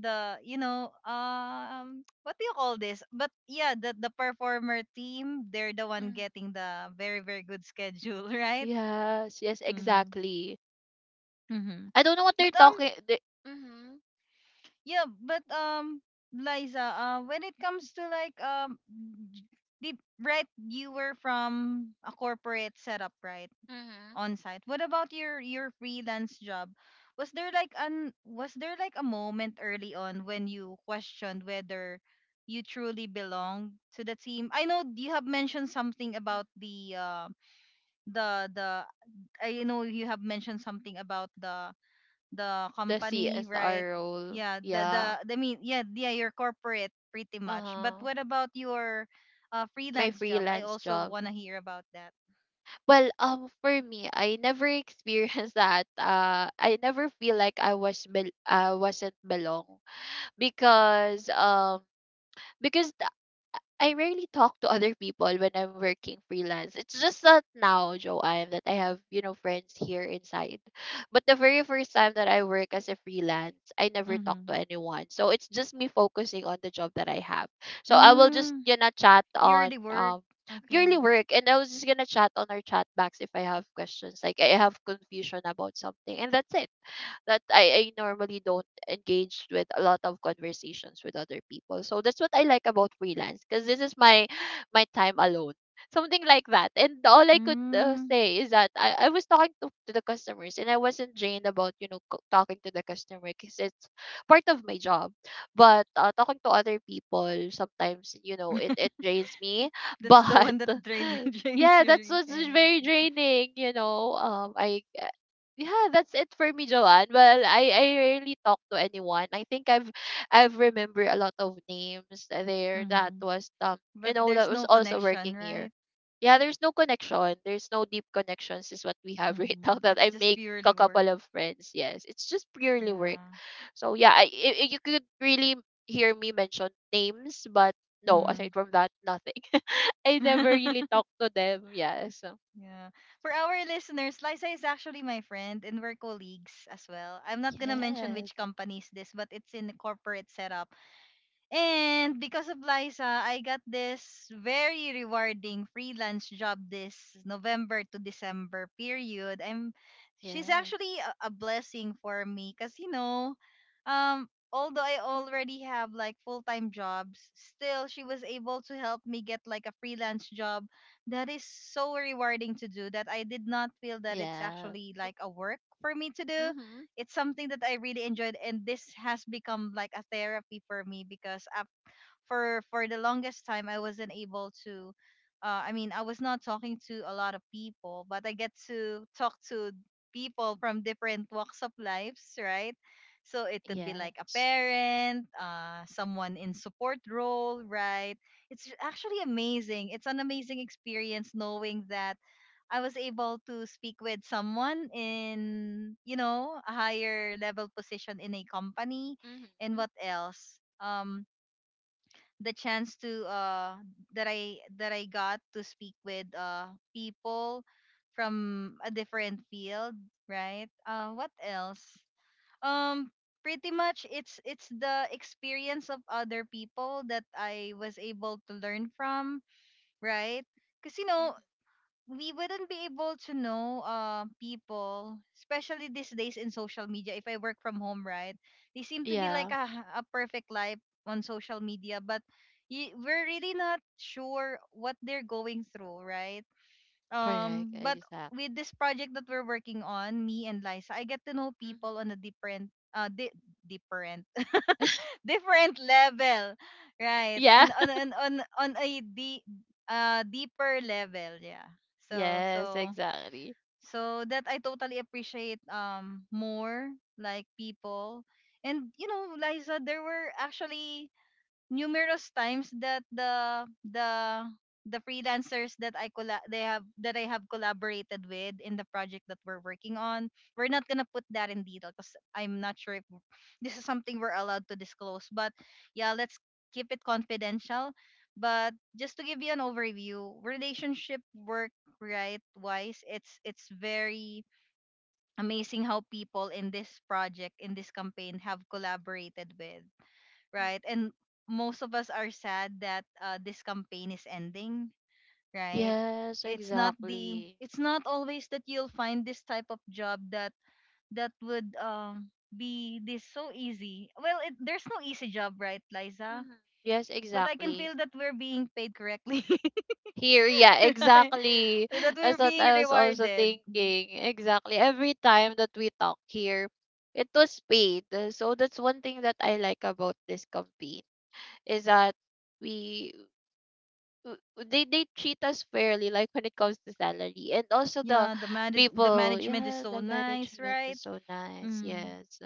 [SPEAKER 1] the you know what do you call this? But yeah, the performer team, they're the one
[SPEAKER 2] Mhm.
[SPEAKER 1] getting the very very good schedule, [LAUGHS] right?
[SPEAKER 2] Yes, yes,
[SPEAKER 1] Mm-hmm.
[SPEAKER 2] exactly.
[SPEAKER 1] Mm-hmm.
[SPEAKER 2] I don't know what they're
[SPEAKER 1] But
[SPEAKER 2] talking. They, mm-hmm,
[SPEAKER 1] yeah, but Liza, when it comes to like j- the right, you were from a corporate setup, right,
[SPEAKER 2] mm-hmm,
[SPEAKER 1] on site. What about your freelance job? Was there like an was there like a moment early on when you questioned whether you truly belong to the team? I know you have mentioned something about
[SPEAKER 2] mm-hmm.
[SPEAKER 1] the I know you have mentioned something about the
[SPEAKER 2] The
[SPEAKER 1] company, right?
[SPEAKER 2] CSR role,
[SPEAKER 1] Yeah, the
[SPEAKER 2] yeah.
[SPEAKER 1] I mean, yeah, yeah, your corporate pretty
[SPEAKER 2] Uh
[SPEAKER 1] much. But
[SPEAKER 2] huh.
[SPEAKER 1] what about your
[SPEAKER 2] My
[SPEAKER 1] freelance job? I
[SPEAKER 2] freelance
[SPEAKER 1] also
[SPEAKER 2] job.
[SPEAKER 1] want to hear about that.
[SPEAKER 2] Well, for me, I never experienced [LAUGHS] that. I never feel like I was I wasn't belong, because because I rarely talk to other people when I'm working freelance. It's just that now, Joanne, that I have, you know, friends here inside. But the very first time that I work as a freelance, I never talk to
[SPEAKER 1] Mhm.
[SPEAKER 2] anyone. So it's just me focusing on the job that I have. So I will just,
[SPEAKER 1] Mm,
[SPEAKER 2] you know, chat on
[SPEAKER 1] purely work. Okay.
[SPEAKER 2] purely work, and I was just gonna chat on our chat box if I have questions. Like, I have confusion about something, and that's it. That I normally don't engage with a lot of conversations with other people. So that's what I like about freelance, because this is my, my time alone. Something like that. And all I could,
[SPEAKER 1] Mm,
[SPEAKER 2] say is that I was talking to the customers, and I wasn't drained about, you know, talking to the customer, because it's part of my job. But talking to other people, sometimes, you know, it drains me. [LAUGHS]
[SPEAKER 1] that's the
[SPEAKER 2] But
[SPEAKER 1] one that drain, [LAUGHS] drains
[SPEAKER 2] yeah,
[SPEAKER 1] your
[SPEAKER 2] that's what's very
[SPEAKER 1] energy.
[SPEAKER 2] draining, you know. I yeah, that's it for me, Joanne. Well, I rarely talk to anyone. I think I've remember a lot of names there that
[SPEAKER 1] Mhm.
[SPEAKER 2] was you
[SPEAKER 1] But
[SPEAKER 2] know, that
[SPEAKER 1] there's
[SPEAKER 2] was
[SPEAKER 1] no
[SPEAKER 2] also working
[SPEAKER 1] connection,
[SPEAKER 2] here.
[SPEAKER 1] right?
[SPEAKER 2] Yeah, there's no connection. There's no deep connections is what we have [LAUGHS] right now,
[SPEAKER 1] Mhm.
[SPEAKER 2] that
[SPEAKER 1] It's
[SPEAKER 2] I
[SPEAKER 1] just
[SPEAKER 2] make
[SPEAKER 1] purely
[SPEAKER 2] a couple
[SPEAKER 1] work.
[SPEAKER 2] of friends. Yes, it's just purely work.
[SPEAKER 1] Yeah.
[SPEAKER 2] So yeah, I you could really hear me mention names, but no, aside
[SPEAKER 1] Mhm.
[SPEAKER 2] from that, nothing. [LAUGHS] I never
[SPEAKER 1] [LAUGHS]
[SPEAKER 2] really talk to them. Yes.
[SPEAKER 1] Yeah. For our listeners, Liza is actually my friend and we're colleagues as well. I'm not gonna mention
[SPEAKER 2] Yes.
[SPEAKER 1] which company is this, but it's in the corporate setup. And because of Liza, I got this very rewarding freelance job this November to December period. I'm She's
[SPEAKER 2] Yes.
[SPEAKER 1] actually a blessing for me cuz you know, although I already have like full-time jobs, still she was able to help me get like a freelance job that is so rewarding to do, that I did not feel that it's
[SPEAKER 2] Yes.
[SPEAKER 1] actually like a work for me to do.
[SPEAKER 2] Mm-hmm.
[SPEAKER 1] It's something that I really enjoyed, and this has become like a therapy for me. Because af for the longest time I wasn't able to I was not talking to a lot of people, but I get to talk to people from different walks of lives, right? So it could be like a
[SPEAKER 2] Yes.
[SPEAKER 1] parent, someone in support role, right? It's actually amazing. It's an amazing experience knowing that I was able to speak with someone in, you know, a higher level position in a company. And
[SPEAKER 2] Mm-hmm.
[SPEAKER 1] what else? The chance to that I got to speak with people from a different field, right? What else? Um pretty much it's the experience of other people that I was able to learn from, right? Cuz you know,
[SPEAKER 2] Mm-hmm.
[SPEAKER 1] we wouldn't be able to know people, especially these days in social media. If I work from home, right, they seem to be like
[SPEAKER 2] Yeah.
[SPEAKER 1] a perfect life on social media, but we're really not sure what they're going through, right?
[SPEAKER 2] Correct.
[SPEAKER 1] But
[SPEAKER 2] Exactly.
[SPEAKER 1] with this project that we're working on, me and Liza, I get to know
[SPEAKER 2] Mm-hmm.
[SPEAKER 1] people on a different, different,
[SPEAKER 2] [LAUGHS]
[SPEAKER 1] [LAUGHS] different level, right?
[SPEAKER 2] Yeah.
[SPEAKER 1] And on a deeper level, yeah. So
[SPEAKER 2] Yes,
[SPEAKER 1] so
[SPEAKER 2] exactly.
[SPEAKER 1] so that I totally appreciate more like people. And you know, Liza, there were actually numerous times that the freelancers that I have collaborated with in the project that we're working on. We're not gonna put that in detail because I'm not sure if [LAUGHS] this is something we're allowed to disclose. But yeah, let's keep it confidential. But just to give you an overview, relationship work right wise, it's very amazing how people in this project in this campaign have collaborated with,
[SPEAKER 2] Mm.
[SPEAKER 1] right? And most of us are sad that this campaign is ending, right?
[SPEAKER 2] Yes, exactly.
[SPEAKER 1] It's not always that you'll find this type of job that would be this so easy. Well, there's no easy job, right, Liza?
[SPEAKER 2] Mm-hmm. Yes,
[SPEAKER 1] But I can
[SPEAKER 2] exactly.
[SPEAKER 1] feel that we're being paid correctly, [LAUGHS]
[SPEAKER 2] Here, yeah,
[SPEAKER 1] right?
[SPEAKER 2] exactly.
[SPEAKER 1] That
[SPEAKER 2] [LAUGHS]
[SPEAKER 1] we're
[SPEAKER 2] That's what
[SPEAKER 1] being
[SPEAKER 2] I was also
[SPEAKER 1] rewarded.
[SPEAKER 2] thinking. Exactly. Every time that we talk here, it was paid. So that's one thing that I like about this campaign, is that we, w- they treat us fairly, like when it comes to salary, and also the
[SPEAKER 1] Yeah, the
[SPEAKER 2] people.
[SPEAKER 1] management is
[SPEAKER 2] Yeah,
[SPEAKER 1] so
[SPEAKER 2] the
[SPEAKER 1] nice,
[SPEAKER 2] management
[SPEAKER 1] right?
[SPEAKER 2] is so nice.
[SPEAKER 1] Mm.
[SPEAKER 2] Yes.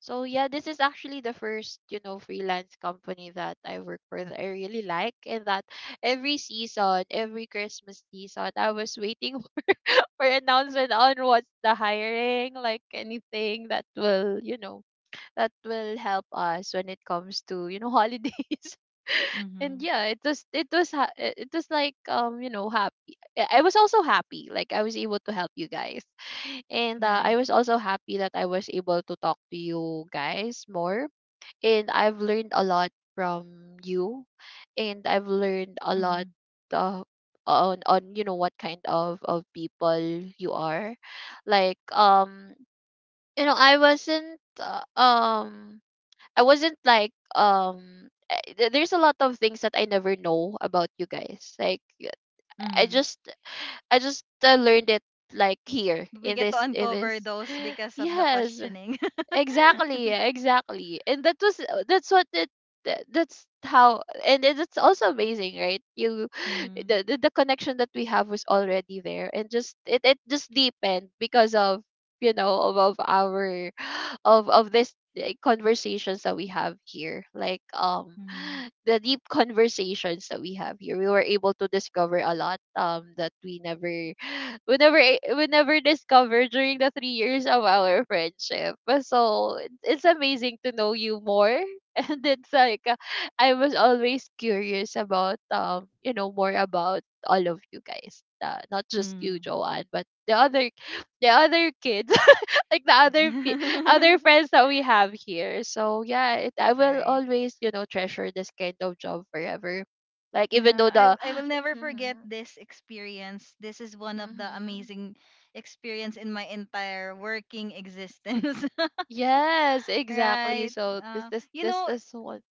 [SPEAKER 2] So yeah, this is actually the first, you know, freelance company that I work for that I really like. And that every season, every Christmas season, I was waiting [LAUGHS] for announcement on what's the hiring, like anything that will, you know, that will help us when it comes to, you know, holidays. [LAUGHS] And
[SPEAKER 1] Mhm.
[SPEAKER 2] yeah, it was like, you know, happy. I was also happy, like I was able to help you guys. And I
[SPEAKER 1] Right.
[SPEAKER 2] was also happy that I was able to talk to you guys more. And I've learned a lot from you, and I've learned a
[SPEAKER 1] Mhm.
[SPEAKER 2] lot uh, on, you know, what kind of people you are. Like, you know, I wasn't like, there's a lot of things that I never know about you guys. Like,
[SPEAKER 1] Mhm.
[SPEAKER 2] I just I just, learned it like
[SPEAKER 1] We get
[SPEAKER 2] here,
[SPEAKER 1] to
[SPEAKER 2] in this,
[SPEAKER 1] uncover
[SPEAKER 2] in
[SPEAKER 1] those
[SPEAKER 2] this.
[SPEAKER 1] because
[SPEAKER 2] [GASPS]
[SPEAKER 1] of the
[SPEAKER 2] [LAUGHS] Yes.
[SPEAKER 1] questioning. [LAUGHS]
[SPEAKER 2] Exactly, exactly. And that was that's what it, that's how, and it's also amazing, right? You [SIGHS]
[SPEAKER 1] Mm-hmm.
[SPEAKER 2] the connection that we have was already there, and just it just deepened because of, you know, of our [SIGHS] of this, eh, conversations that we have here, like,
[SPEAKER 1] Mm-hmm.
[SPEAKER 2] [SIGHS] the deep conversations that we have here, we were able to discover a lot, that we never, we whenever we never discovered during the 3 years of our friendship. But, so it's amazing to know you more, [LAUGHS] and it's like, I was always curious about, you know, more about all of you guys, not just you,
[SPEAKER 1] Mm.
[SPEAKER 2] Joanne, but the other kids, [LAUGHS] like the other friends that we have here. So yeah, I
[SPEAKER 1] [LAUGHS]
[SPEAKER 2] will
[SPEAKER 1] Right.
[SPEAKER 2] always, you know, treasure this kind of job forever. Like, even
[SPEAKER 1] Yeah,
[SPEAKER 2] though
[SPEAKER 1] I
[SPEAKER 2] the
[SPEAKER 1] I will
[SPEAKER 2] [GASPS]
[SPEAKER 1] never forget
[SPEAKER 2] Mhm.
[SPEAKER 1] this experience. This is one of the
[SPEAKER 2] Mhm.
[SPEAKER 1] amazing experience in my entire working existence.
[SPEAKER 2] Yes,
[SPEAKER 1] [LAUGHS]
[SPEAKER 2] exactly.
[SPEAKER 1] Right.
[SPEAKER 2] So this one.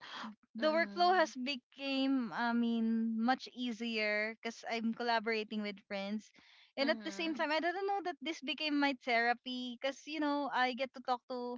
[SPEAKER 1] The workflow
[SPEAKER 2] Mm-hmm.
[SPEAKER 1] has became, I mean, much easier because I'm collaborating with friends, and at the same
[SPEAKER 2] Mm-hmm.
[SPEAKER 1] time I don't know that this became my therapy because you know I get to talk to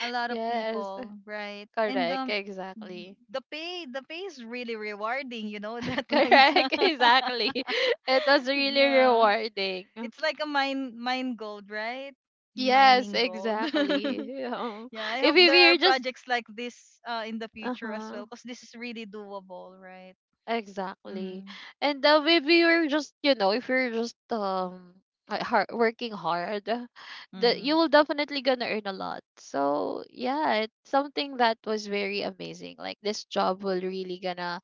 [SPEAKER 1] a lot of
[SPEAKER 2] Yes,
[SPEAKER 1] people, right? and
[SPEAKER 2] correct. Exactly.
[SPEAKER 1] The pay, the pay is really rewarding, you know, [LAUGHS] that
[SPEAKER 2] [LAUGHS]
[SPEAKER 1] Liza.
[SPEAKER 2] Correct. Exactly. [LAUGHS] It was
[SPEAKER 1] [LAUGHS]
[SPEAKER 2] really
[SPEAKER 1] Yeah,
[SPEAKER 2] rewarding.
[SPEAKER 1] it's like a mine gold, right?
[SPEAKER 2] Yes,
[SPEAKER 1] Mining gold. [LAUGHS]
[SPEAKER 2] exactly. [LAUGHS]
[SPEAKER 1] Yeah, I
[SPEAKER 2] If
[SPEAKER 1] hope there
[SPEAKER 2] we
[SPEAKER 1] are
[SPEAKER 2] were just,
[SPEAKER 1] projects like this in the future as
[SPEAKER 2] uh-huh.
[SPEAKER 1] well because this is really doable, right?
[SPEAKER 2] Exactly.
[SPEAKER 1] Mhm.
[SPEAKER 2] And maybe you're just, you know, if you're just like working hard, that you
[SPEAKER 1] Mhm.
[SPEAKER 2] will definitely gonna earn a lot. So yeah, it's something that was very amazing. Like this job will really gonna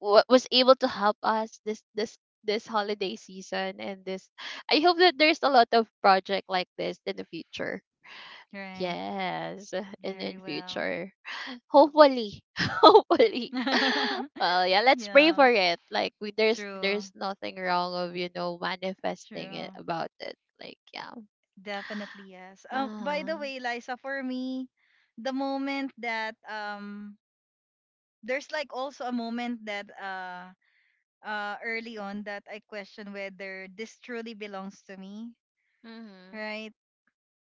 [SPEAKER 2] was able to help us this holiday season, and this. I hope that there's a lot of project like this in the future.
[SPEAKER 1] Right.
[SPEAKER 2] Yes, [LAUGHS] and
[SPEAKER 1] Very
[SPEAKER 2] in
[SPEAKER 1] well.
[SPEAKER 2] future, [GASPS] [LAUGHS] hopefully, [LAUGHS] hopefully. Well,
[SPEAKER 1] [LAUGHS]
[SPEAKER 2] yeah, let's pray
[SPEAKER 1] Yeah.
[SPEAKER 2] for it. Like we, there's
[SPEAKER 1] True.
[SPEAKER 2] there's nothing wrong of, you know, manifesting it
[SPEAKER 1] True.
[SPEAKER 2] about it. Like, yeah,
[SPEAKER 1] Definitely yes. By the
[SPEAKER 2] uh-huh.
[SPEAKER 1] way, Liza, for me, the moment that there's like also a moment that early on that I question whether this truly belongs to me,
[SPEAKER 2] Mm-hmm.
[SPEAKER 1] right?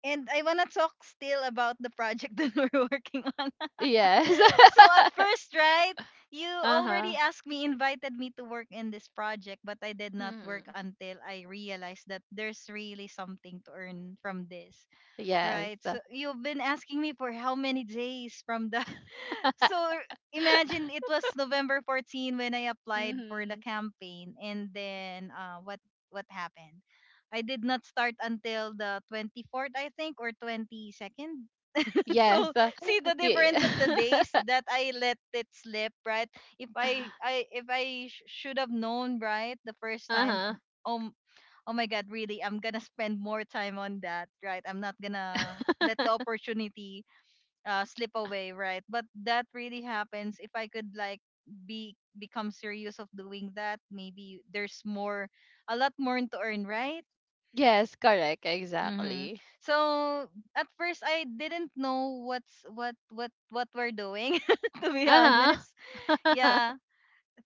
[SPEAKER 1] And I wanna talk still about the project [LAUGHS] that we're working on.
[SPEAKER 2] Yes,
[SPEAKER 1] So at
[SPEAKER 2] [LAUGHS]
[SPEAKER 1] first, right, you
[SPEAKER 2] uh
[SPEAKER 1] already
[SPEAKER 2] huh,
[SPEAKER 1] asked me, invited me to work in this project, but I did not work
[SPEAKER 2] mm-hmm.
[SPEAKER 1] until I realized that there's really something to earn from this,
[SPEAKER 2] Yes,
[SPEAKER 1] right? So you've been asking me for how many days from the. [LAUGHS] So
[SPEAKER 2] [LAUGHS]
[SPEAKER 1] imagine it was November 14th when I applied for the
[SPEAKER 2] mm-hmm.
[SPEAKER 1] campaign, and then what happened? I did not start until the 24th, I think, or 22nd. [LAUGHS] So
[SPEAKER 2] Yes,
[SPEAKER 1] see the
[SPEAKER 2] yeah.
[SPEAKER 1] difference of the days that I let it slip, right? If I,
[SPEAKER 2] [LAUGHS]
[SPEAKER 1] I if I sh- should have known, right, the first
[SPEAKER 2] Uh
[SPEAKER 1] time,
[SPEAKER 2] huh,
[SPEAKER 1] um, oh my God, really, I'm gonna spend more time on that, right? I'm not gonna let the
[SPEAKER 2] [LAUGHS]
[SPEAKER 1] opportunity slip away, right? But that really happens. If I could like be become serious of doing that, maybe there's more a lot more to earn, right?
[SPEAKER 2] yes, correct,
[SPEAKER 1] Mm-hmm.
[SPEAKER 2] exactly,
[SPEAKER 1] So at first I didn't know what's what we're doing, [LAUGHS] to be
[SPEAKER 2] uh
[SPEAKER 1] honest.
[SPEAKER 2] huh.
[SPEAKER 1] Yeah.
[SPEAKER 2] [LAUGHS]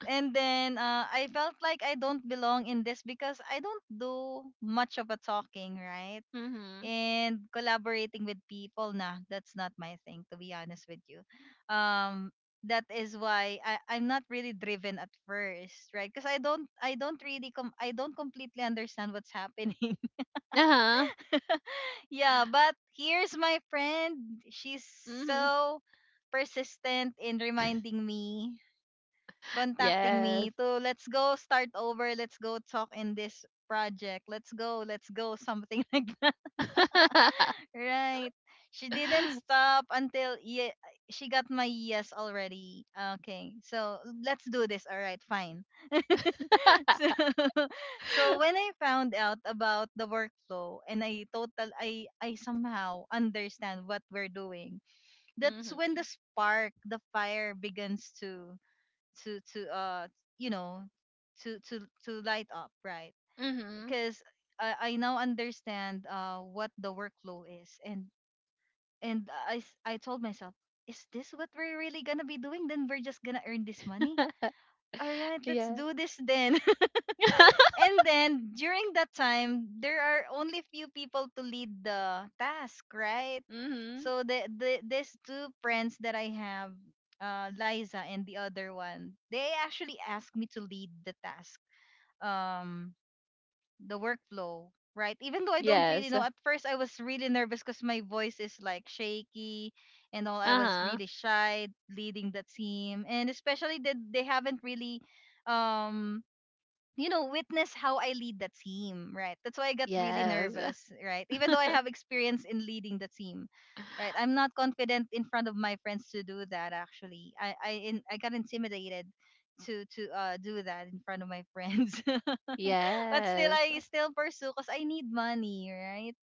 [SPEAKER 1] And then I felt like I don't belong in this because I don't do much of a talking, right?
[SPEAKER 2] Mm-hmm.
[SPEAKER 1] And collaborating with people, nah, that's not my thing, to be honest with you. Um that is why I'm not really driven at first, right? Because I don't completely understand what's happening.
[SPEAKER 2] Uh-huh.
[SPEAKER 1] Yeah, but here's my friend. She's
[SPEAKER 2] Mhm.
[SPEAKER 1] so persistent in reminding me, contacting
[SPEAKER 2] Yes.
[SPEAKER 1] me to, let's go start over, let's go talk in this project. Let's go something [LAUGHS] like that.
[SPEAKER 2] [LAUGHS]
[SPEAKER 1] Right. She didn't stop until she got my yes already. Okay. So, let's do this. All right, fine. [LAUGHS] So, [LAUGHS] so when I found out about the workflow and I total I somehow understand what we're doing, that's
[SPEAKER 2] Mhm.
[SPEAKER 1] when the spark, the fire begins to to to uh you know to light up, right?
[SPEAKER 2] Mhm.
[SPEAKER 1] Because I now understand what the workflow is, and I told myself, is this what we're really gonna be doing? Then we're just gonna earn this money.
[SPEAKER 2] [LAUGHS]
[SPEAKER 1] All right, let's
[SPEAKER 2] Yeah.
[SPEAKER 1] do this then.
[SPEAKER 2] [LAUGHS]
[SPEAKER 1] And then during that time, there are only few people to lead the task, right?
[SPEAKER 2] Mhm.
[SPEAKER 1] So, these two friends that I have, Liza and the other one, they actually asked me to lead the task, um, the workflow, right? Even though I don't really
[SPEAKER 2] Yes.
[SPEAKER 1] know. At first, I was really nervous because my voice is like shaky and all. I was
[SPEAKER 2] Uh-huh.
[SPEAKER 1] really shy leading the team, and especially that they haven't really um you know, witness how I lead the team, right? That's why I got really
[SPEAKER 2] Yes.
[SPEAKER 1] nervous, right? Even though I
[SPEAKER 2] [LAUGHS]
[SPEAKER 1] have experience in leading the team, right? I'm not confident in front of my friends to do that. Actually, I got intimidated to do that in front of my friends, [LAUGHS] but still
[SPEAKER 2] Yes.
[SPEAKER 1] I still pursue because I need money, right?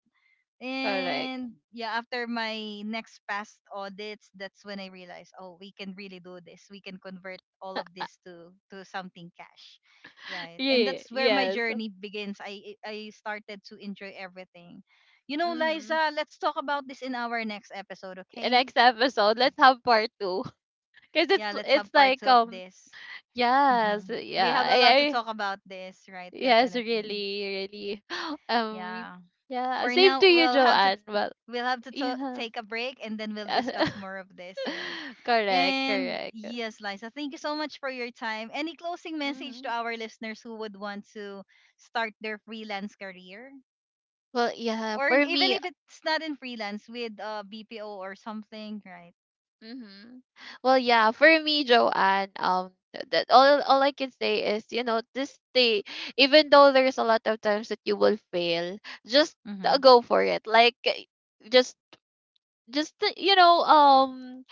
[SPEAKER 2] Correct.
[SPEAKER 1] And yeah, after my next past audits, that's when I realized, oh, we can really do this. We can convert all of this to something cash. Right. And
[SPEAKER 2] Yeah,
[SPEAKER 1] that's where my
[SPEAKER 2] yes.
[SPEAKER 1] journey begins. I started to enjoy everything. You know,
[SPEAKER 2] Mm-hmm.
[SPEAKER 1] Liza, let's talk about this in our next episode, okay?
[SPEAKER 2] Next episode, let's have part two. [LAUGHS] Cause it's
[SPEAKER 1] Yeah, let's
[SPEAKER 2] it's
[SPEAKER 1] have part
[SPEAKER 2] like,
[SPEAKER 1] two of this.
[SPEAKER 2] yes,
[SPEAKER 1] Hmm. We
[SPEAKER 2] yeah.
[SPEAKER 1] have a
[SPEAKER 2] I,
[SPEAKER 1] lot to
[SPEAKER 2] I
[SPEAKER 1] talk about this, right?
[SPEAKER 2] yes,
[SPEAKER 1] Definitely.
[SPEAKER 2] really, really. [GASPS] Um,
[SPEAKER 1] Yeah.
[SPEAKER 2] yeah.
[SPEAKER 1] For
[SPEAKER 2] Same to
[SPEAKER 1] now
[SPEAKER 2] you, Joanne. Well,
[SPEAKER 1] we'll have to
[SPEAKER 2] yes.
[SPEAKER 1] take a break and then we'll discuss
[SPEAKER 2] [LAUGHS]
[SPEAKER 1] more of this, right?
[SPEAKER 2] Correct,
[SPEAKER 1] And
[SPEAKER 2] correct.
[SPEAKER 1] yes, Liza, thank you so much for your time. Any closing message
[SPEAKER 2] Hmm.
[SPEAKER 1] to our listeners who would want to start their freelance career,
[SPEAKER 2] Well, yeah,
[SPEAKER 1] or
[SPEAKER 2] for
[SPEAKER 1] even
[SPEAKER 2] me,
[SPEAKER 1] if it's not in freelance, with BPO or something, right?
[SPEAKER 2] hmm, well, yeah, for me, Joanne, that, all I can say is, you know, just stay. Even though there's a lot of times that you will fail, just,
[SPEAKER 1] Mm-hmm.
[SPEAKER 2] go for it. Like, eh, just just, you know,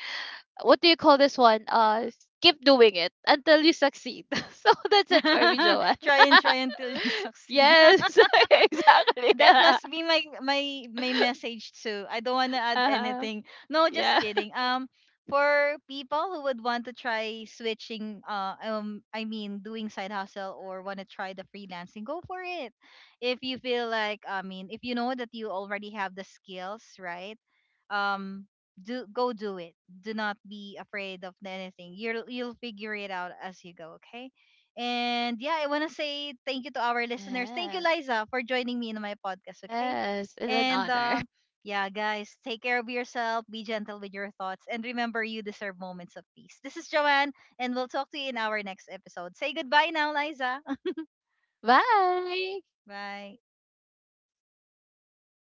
[SPEAKER 2] what do you call this one? Keep doing it until you succeed. [LAUGHS] So that's it for me,
[SPEAKER 1] [LAUGHS]
[SPEAKER 2] Joanne.
[SPEAKER 1] Try and try until you
[SPEAKER 2] [LAUGHS]
[SPEAKER 1] succeed.
[SPEAKER 2] Yes, [LAUGHS]
[SPEAKER 1] [LAUGHS]
[SPEAKER 2] exactly. [LAUGHS]
[SPEAKER 1] That must be my
[SPEAKER 2] [LAUGHS]
[SPEAKER 1] message too. I don't want to add
[SPEAKER 2] Uh-huh.
[SPEAKER 1] anything. No, just
[SPEAKER 2] Yeah.
[SPEAKER 1] kidding.
[SPEAKER 2] [LAUGHS]
[SPEAKER 1] For people who would want to try switching I mean doing side hustle or want to try the freelancing, go for it. If you feel like, I mean, if you know that you already have the skills, right? Um do go do it. Do not be afraid of anything. You'll figure it out as you go, okay? And yeah, I want to say thank you to our listeners. Thank you,
[SPEAKER 2] Yes.
[SPEAKER 1] Liza, for joining me in my podcast, okay?
[SPEAKER 2] Yes. It's an
[SPEAKER 1] And
[SPEAKER 2] honor.
[SPEAKER 1] yeah, guys, take care of yourself, be gentle with your thoughts, and remember you deserve moments of peace. This is Joanne, and we'll talk to you in our next episode. Say goodbye now, Liza. [LAUGHS]
[SPEAKER 2] [LAUGHS] Bye.
[SPEAKER 1] Bye.